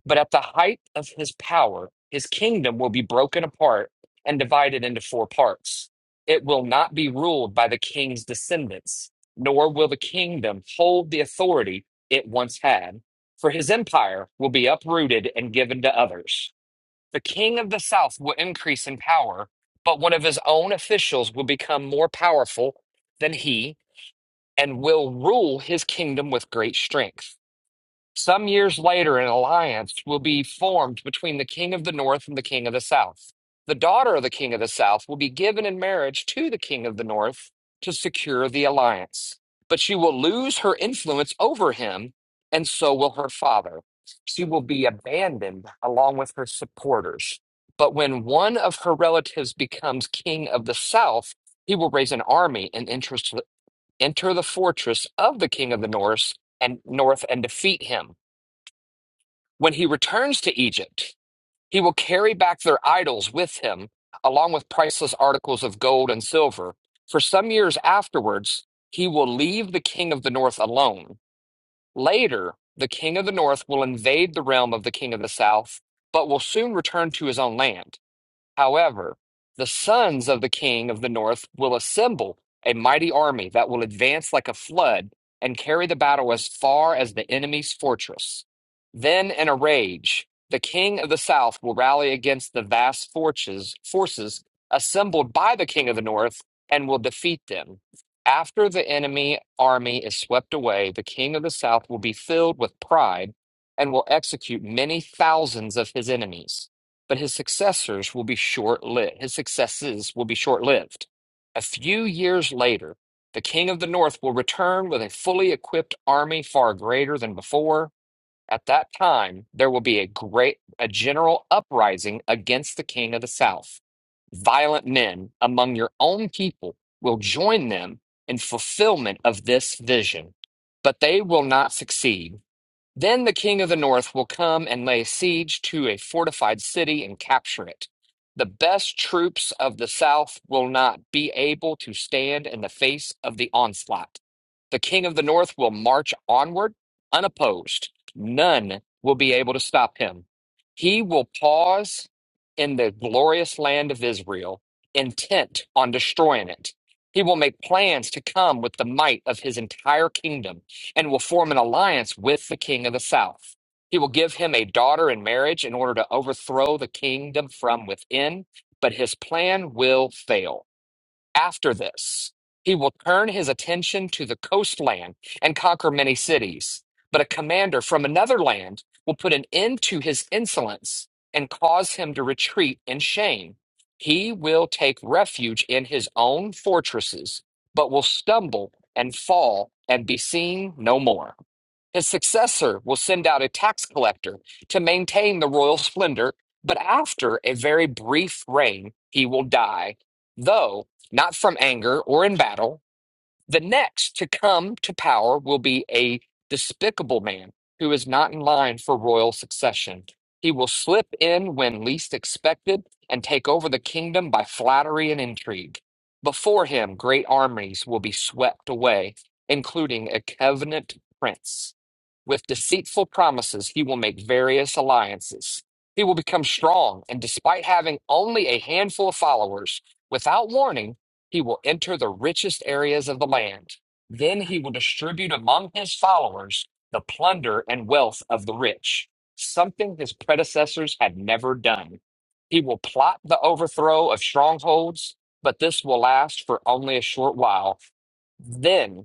Speaker 1: But at the height of his power, his kingdom will be broken apart and divided into four parts. It will not be ruled by the king's descendants, nor will the kingdom hold the authority it once had, for his empire will be uprooted and given to others. The king of the south will increase in power, but one of his own officials will become more powerful than he and will rule his kingdom with great strength. Some years later, an alliance will be formed between the king of the north and the king of the south. The daughter of the king of the south will be given in marriage to the king of the north to secure the alliance, but she will lose her influence over him, and so will her father. She will be abandoned along with her supporters. But when one of her relatives becomes king of the south, he will raise an army and interest- enter the fortress of the king of the north and north and defeat him when he returns to Egypt, he will carry back their idols with him, along with priceless articles of gold and silver. For some years afterwards, he will leave the king of the north alone. Later, the king of the north will invade the realm of the king of the south, but will soon return to his own land. However, the sons of the king of the north will assemble a mighty army that will advance like a flood and carry the battle as far as the enemy's fortress. Then, in a rage, the king of the south will rally against the vast forces, forces assembled by the king of the north and will defeat them. After the enemy army is swept away, the king of the south will be filled with pride and will execute many thousands of his enemies but his successors will be short-lived. His successes will be short-lived. A few years later, the king of the north will return with a fully equipped army far greater than before. At that time, there will be a great a general uprising against the king of the south. Violent men among your own people will join them in fulfillment of this vision, but they will not succeed then the king of the north will come and lay siege to a fortified city and capture it. The best troops of the south will not be able to stand in the face of the onslaught. The king of the north will march onward unopposed. None will be able to stop him. He will pause in the glorious land of Israel, intent on destroying it. He will make plans to come with the might of his entire kingdom and will form an alliance with the king of the south. He will give him a daughter in marriage in order to overthrow the kingdom from within, but his plan will fail. After this, he will turn his attention to the coastland and conquer many cities. But a commander from another land will put an end to his insolence and cause him to retreat in shame. He will take refuge in his own fortresses, but will stumble and fall and be seen no more. His successor will send out a tax collector to maintain the royal splendor, but after a very brief reign, he will die, though not from anger or in battle. The next to come to power will be a despicable man who is not in line for royal succession. He will slip in when least expected and take over the kingdom by flattery and intrigue. Before him, great armies will be swept away, including a covenant prince. With deceitful promises, he will make various alliances. He will become strong, and despite having only a handful of followers, without warning, he will enter the richest areas of the land. Then he will distribute among his followers the plunder and wealth of the rich, something his predecessors had never done. He will plot the overthrow of strongholds, but this will last for only a short while. Then.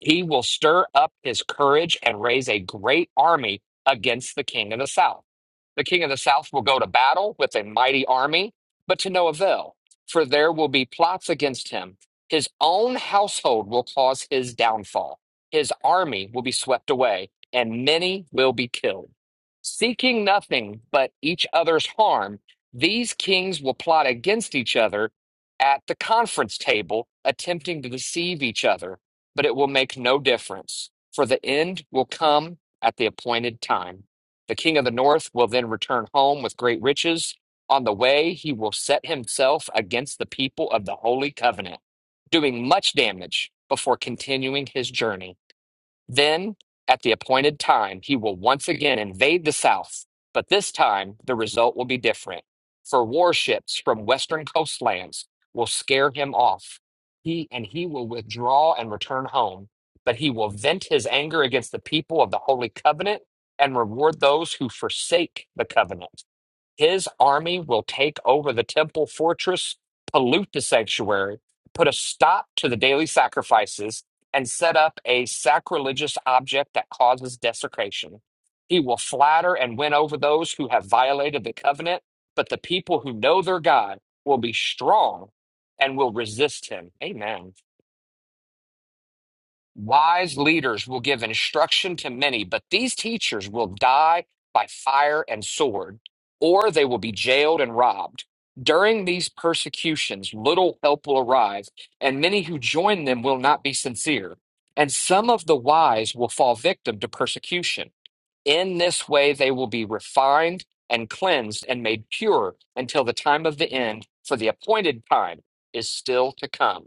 Speaker 1: He will stir up his courage and raise a great army against the king of the south. The king of the south will go to battle with a mighty army, but to no avail, for there will be plots against him. His own household will cause his downfall. His army will be swept away, and many will be killed. Seeking nothing but each other's harm, these kings will plot against each other at the conference table, attempting to deceive each other but it will make no difference, for the end will come at the appointed time. The king of the north will then return home with great riches. On the way, he will set himself against the people of the holy covenant, doing much damage before continuing his journey. Then, at the appointed time, he will once again invade the South, but this time the result will be different. For warships from western coastlands will scare him off. He and he will withdraw and return home, but he will vent his anger against the people of the Holy Covenant and reward those who forsake the covenant. His army will take over the temple fortress, pollute the sanctuary, put a stop to the daily sacrifices, and set up a sacrilegious object that causes desecration. He will flatter and win over those who have violated the covenant, but the people who know their God will be strong and will resist him. Amen. Wise leaders will give instruction to many, but these teachers will die by fire and sword, or they will be jailed and robbed. During these persecutions, little help will arrive, and many who join them will not be sincere. And some of the wise will fall victim to persecution. In this way, they will be refined and cleansed and made pure until the time of the end, for the appointed time is still to come.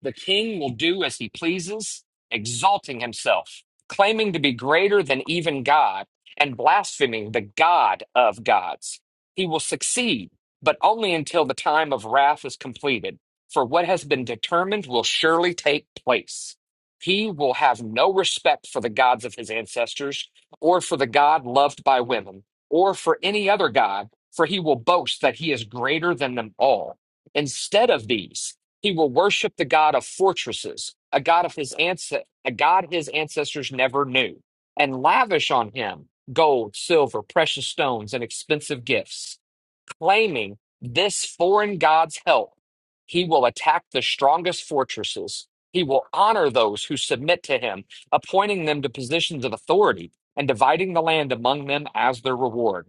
Speaker 1: The king will do as he pleases, exalting himself, claiming to be greater than even God, and blaspheming the God of gods. He will succeed, but only until the time of wrath is completed, for what has been determined will surely take place. He will have no respect for the gods of his ancestors, or for the God loved by women, or for any other God, for he will boast that he is greater than them all. Instead of these, he will worship the God of fortresses, a God of his ance- a God his ancestors never knew, and lavish on him gold, silver, precious stones, and expensive gifts, claiming this foreign God's help. He will attack the strongest fortresses. He will honor those who submit to him, appointing them to positions of authority and dividing the land among them as their reward.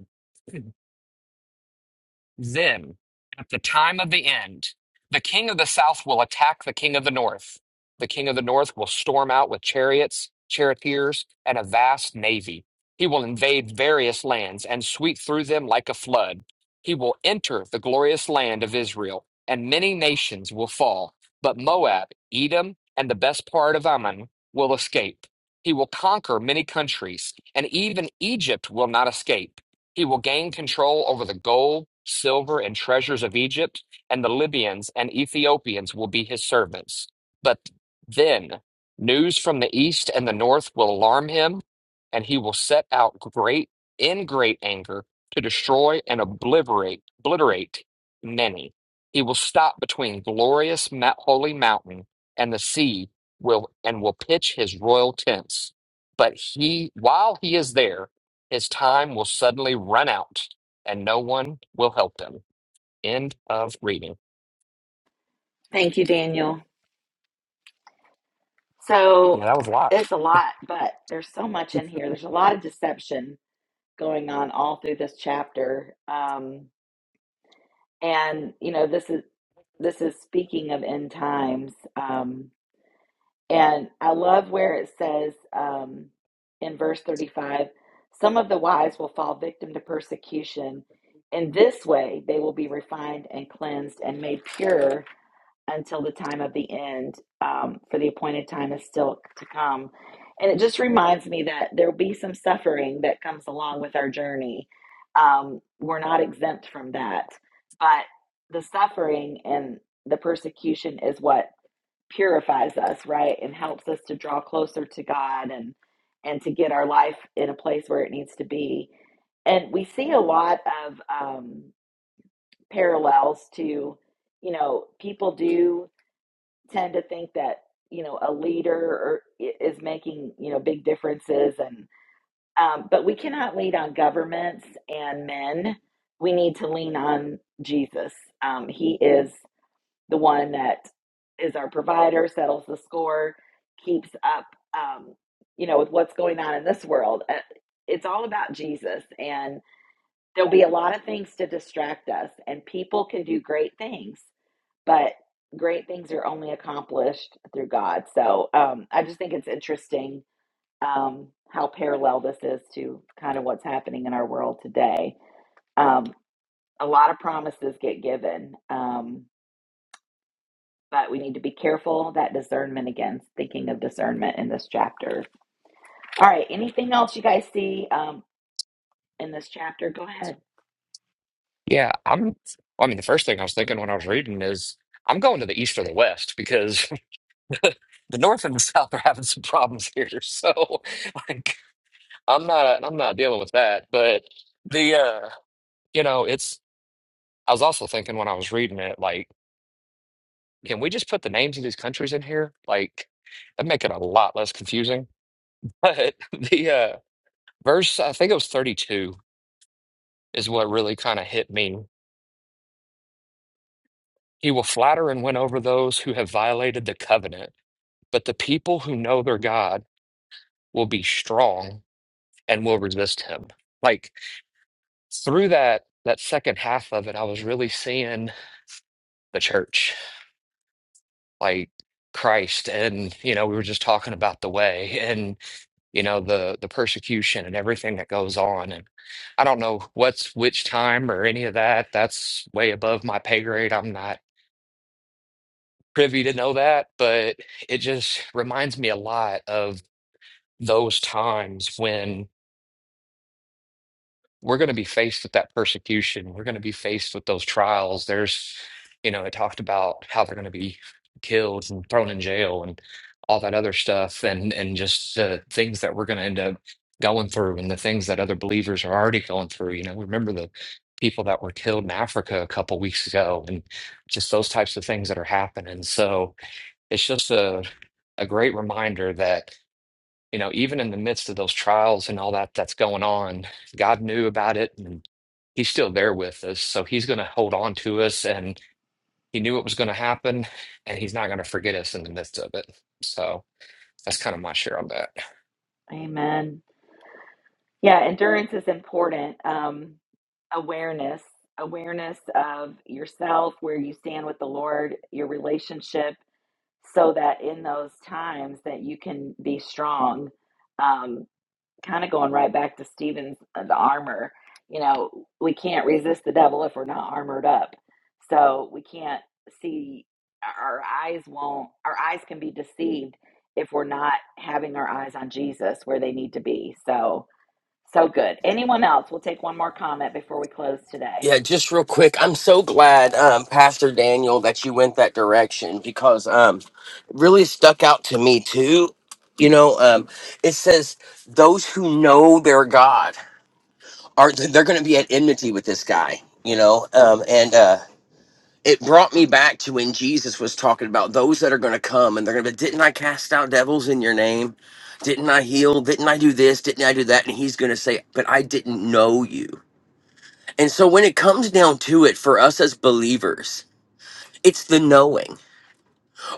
Speaker 1: Then, at the time of the end, the king of the south will attack the king of the north. The king of the north will storm out with chariots, charioteers, and a vast navy. He will invade various lands and sweep through them like a flood. He will enter the glorious land of Israel, and many nations will fall. But Moab, Edom, and the best part of Ammon will escape. He will conquer many countries, and even Egypt will not escape. He will gain control over the gold, silver, and treasures of Egypt, and the Libyans and Ethiopians will be his servants. But then news from the east and the north will alarm him, and he will set out great in great anger to destroy and obliterate obliterate many. He will stop between glorious mount, holy mountain and the sea will and will pitch his royal tents. But he while he is there, his time will suddenly run out and no one will help him. End of reading.
Speaker 2: Thank you, Daniel. So
Speaker 1: Yeah, that was a lot.
Speaker 2: it's a lot, but there's so much in here. There's a lot of deception going on all through this chapter. Um, and you know, this is this is speaking of end times. Um, and I love where it says um, in verse 35, some of the wise will fall victim to persecution. In this way, they will be refined and cleansed and made pure until the time of the end, um, for the appointed time is still to come. And it just reminds me that there'll be some suffering that comes along with our journey. Um, we're not exempt from that. But the suffering and the persecution is what purifies us, right? And helps us to draw closer to God and and to get our life in a place where it needs to be. And we see a lot of um, parallels to, you know, people do tend to think that you know a leader is making you know big differences and um, but we cannot lean on governments and men we need to lean on jesus um, he is the one that is our provider settles the score keeps up um, you know with what's going on in this world Uh, it's all about jesus and there'll be a lot of things to distract us and people can do great things but great things are only accomplished through God. So um, I just think it's interesting um, how parallel this is to kind of what's happening in our world today. Um, a lot of promises get given, um, but we need to be careful that discernment again, thinking of discernment in this chapter. All right, anything else you guys see um, in this chapter? Go ahead.
Speaker 1: Yeah, I'm, well, I mean, the first thing I was thinking when I was reading is I'm going to the east or the west because <laughs> the north and the south are having some problems here. <laughs> So, like, I'm not, I'm not dealing with that. But the, uh, you know, it's, I was also thinking when I was reading it, like, can we just put the names of these countries in here? Like, that'd make it a lot less confusing. <laughs> But the, uh, Verse, I think it was 32, is what really kind of hit me. He will flatter and win over those who have violated the covenant, but the people who know their God will be strong and will resist him. Like through that that second half of it, I was really seeing the church, like Christ, and you know, we were just talking about the way and you know the the persecution and everything that goes on. And I don't know what's which time or any of that. That's way above my pay grade. I'm not privy to know that, but it just reminds me a lot of those times when we're going to be faced with that persecution. We're going to be faced with those trials. There's, you know, it talked about how they're going to be killed and thrown in jail and all that other stuff and and just the things that we're going to end up going through and the things that other believers are already going through. You know, remember the people that were killed in Africa a couple weeks ago and just those types of things that are happening. So, it's just a a great reminder that you know even in the midst of those trials and all that that's going on god knew about it and he's still there with us so he's going to hold on to us and he knew it was going to happen and he's not going to forget us in the midst of it so that's kind of my share on that
Speaker 2: Amen. Yeah, endurance is important. Um, awareness, awareness of yourself, where you stand with the Lord, your relationship, so that in those times that you can be strong. Um, kind of going right back to Stephen's uh, the armor. You know, we can't resist the devil if we're not armored up. So we can't see. Our eyes won't. Our eyes can be deceived if we're not having our eyes on Jesus where they need to be. So so good. Anyone else? We'll take one more comment before we close today.
Speaker 11: Yeah, just real quick, I'm so glad, um, Pastor Daniel, that you went that direction because um, it really stuck out to me too. You know, um, it says, those who know their God. are they're going to be at enmity with this guy, you know. Um, and uh, it brought me back to when Jesus was talking about those that are going to come and they're going to be, didn't I cast out devils in your name? Didn't I heal? Didn't I do this? Didn't I do that? And he's going to say, but I didn't know you. And so when it comes down to it, for us as believers, it's the knowing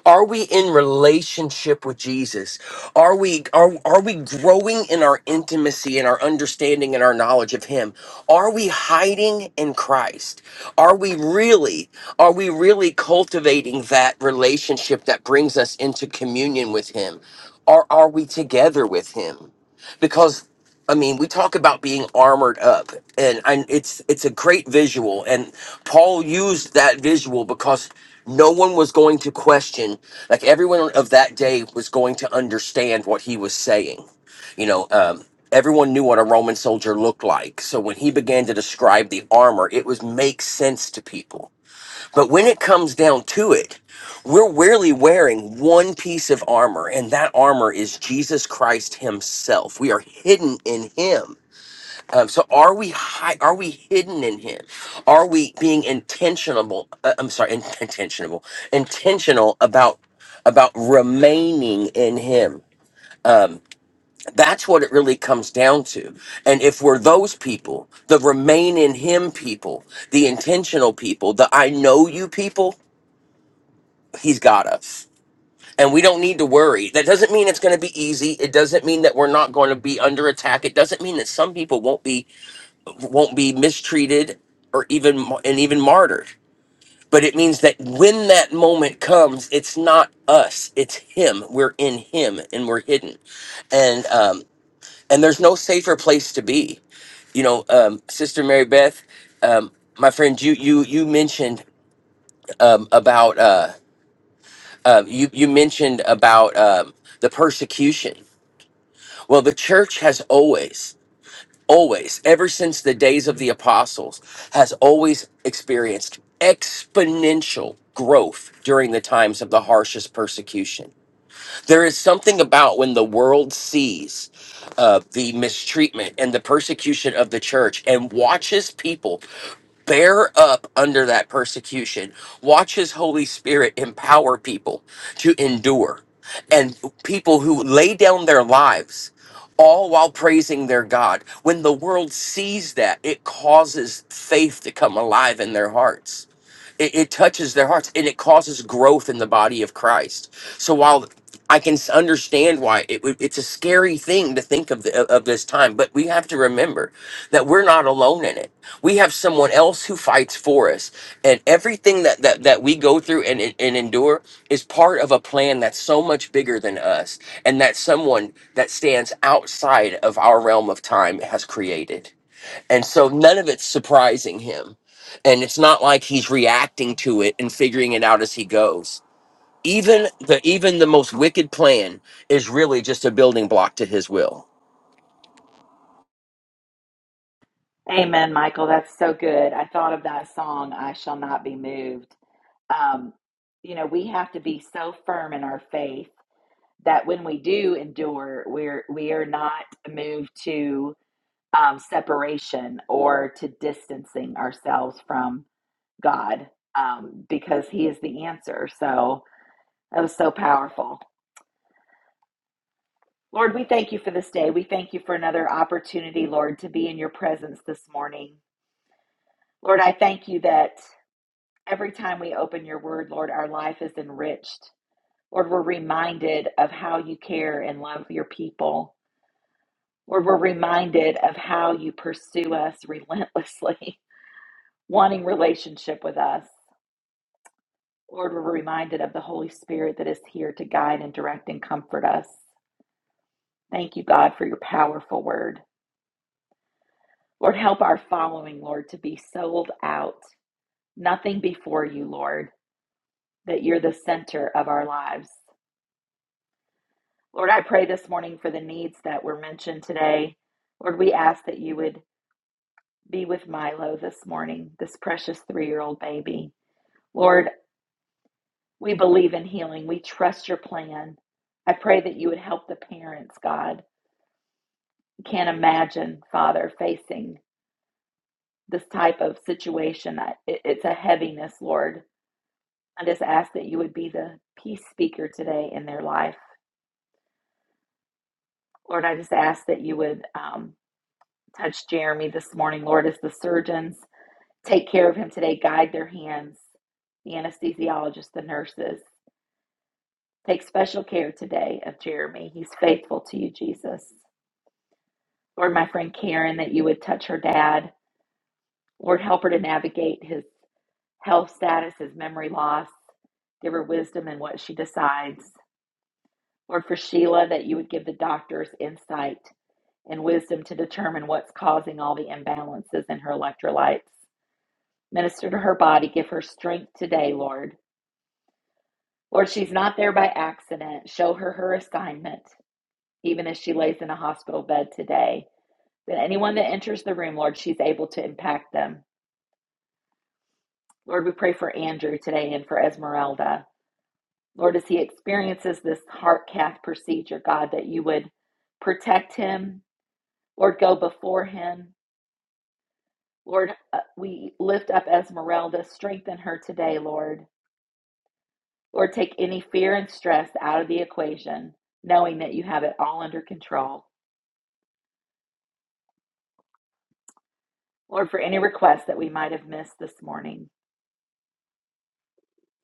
Speaker 11: are we in relationship with Jesus? Are we are are we growing in our intimacy and our understanding and our knowledge of him? Are we hiding in Christ? Are we really are we really cultivating that relationship that brings us into communion with him? Or are we together with him? because I mean, we talk about being armored up, and, and it's it's a great visual. And Paul used that visual because no one was going to question, like everyone of that day was going to understand what he was saying. You know, um, everyone knew what a Roman soldier looked like, so when he began to describe the armor, it was make sense to people but when it comes down to it, we're rarely wearing one piece of armor, and that armor is Jesus Christ Himself. We are hidden in Him. Um, so are we hi- are we hidden in him are we being intentional uh, i'm sorry in- <laughs> intentional intentional about about remaining in him that's what it really comes down to and if we're those people the remain in him people the intentional people the i know you people he's got us and we don't need to worry. That doesn't mean it's going to be easy. It doesn't mean that we're not going to be under attack. It doesn't mean that some people won't be won't be mistreated or even and even martyred. But it means that when that moment comes, it's not us. It's him. We're in him and we're hidden. And um and there's no safer place to be. You know, um Sister Mary Beth, um my friend you you you mentioned um about uh um you you mentioned about um the persecution Well, the church has always, always, ever since the days of the apostles, has always experienced exponential growth during the times of the harshest persecution. There is something about when the world sees uh, the mistreatment and the persecution of the church and watches people bear up under that persecution. Watch his Holy Spirit empower people to endure and people who lay down their lives all while praising their God. When the world sees that, it causes faith to come alive in their hearts. It, it touches their hearts and it causes growth in the body of Christ. So while I can s- understand why it, would- it's a scary thing to think of, the, of this time, but we have to remember that we're not alone in it. We have someone else who fights for us, and everything that that, that we go through and, and and endure is part of a plan that's so much bigger than us, and that someone that stands outside of our realm of time has created. And so none of it's surprising him. And it's not like he's reacting to it and figuring it out as he goes. Even the even the most wicked plan is really just a building block to his will.
Speaker 2: Amen, Michael. That's so good. I thought of that song, I Shall Not Be Moved. Um, you know, we have to be so firm in our faith that when we do endure, we're we are not moved to um, separation or to distancing ourselves from God um, because He is the answer. So that was so powerful. Lord, we thank you for this day. We thank you for another opportunity, Lord, to be in your presence this morning. Lord, I thank you that every time we open your word, Lord, our life is enriched. Lord, we're reminded of how you care and love your people. Lord, we're reminded of how you pursue us relentlessly, <laughs> wanting relationship with us. Lord, we're reminded of the Holy Spirit that is here to guide and direct and comfort us. Thank you, God, for your powerful word. Lord, help our following, Lord, to be sold out. Nothing before you, Lord, that you're the center of our lives. Lord, I pray this morning for the needs that were mentioned today. Lord, we ask that you would be with Milo this morning, this precious three year old baby. Lord, we believe in healing. We trust your plan. I pray that you would help the parents, God. I can't imagine, Father, facing this type of situation. I- It's a heaviness, Lord. I just ask that you would be the peace speaker today in their life. Lord, I just ask that you would um, touch Jeremy this morning, Lord, as the surgeons take care of him today, guide their hands, the anesthesiologists, the nurses. Take special care today of Jeremy. He's faithful to you, Jesus. Lord, my friend Karen, that you would touch her dad. Lord, help her to navigate his health status, his memory loss. Give her wisdom in what she decides. Lord, for Sheila, that you would give the doctors insight and wisdom to determine what's causing all the imbalances in her electrolytes. Minister to her body. Give her strength today, Lord. Lord, she's not there by accident. Show her her assignment, even as she lays in a hospital bed today. That anyone that enters the room, Lord, she's able to impact them. Lord, we pray for Andrew today and for Esmeralda. Lord, as he experiences this heart cath procedure, God, that you would protect him. Lord, go before him. Lord, uh, we lift up Esmeralda. Strengthen her today, Lord. Lord, take any fear and stress out of the equation, knowing that you have it all under control. Lord, for any requests that we might have missed this morning,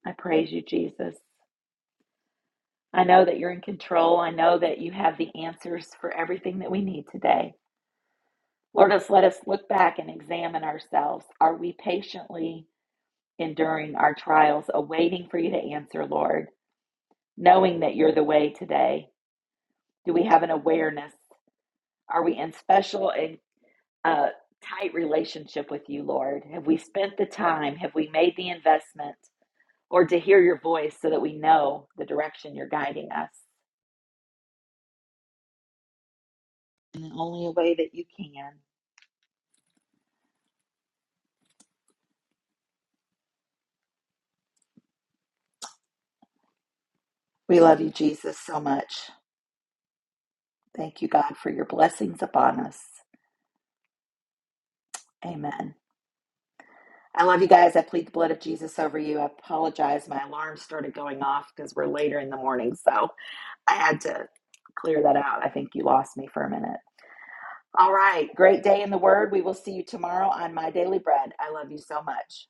Speaker 2: I praise you, Jesus. I know that you're in control. I know that you have the answers for everything that we need today. Lord, just let us look back and examine ourselves. Are we patiently enduring our trials, awaiting for you to answer, Lord, knowing that you're the way today? Do we have an awareness? Are we in special and uh, tight relationship with you, Lord? Have we spent the time? Have we made the investment? Or to hear your voice so that we know the direction you're guiding us in the only way that you can. We love you, Jesus, so much. Thank you, God, for your blessings upon us. Amen. I love you guys. I plead the blood of Jesus over you. I apologize. My alarm started going off because we're later in the morning. So I had to clear that out. I think you lost me for a minute. All right. Great day in the Word. We will see you tomorrow on My Daily Bread. I love you so much.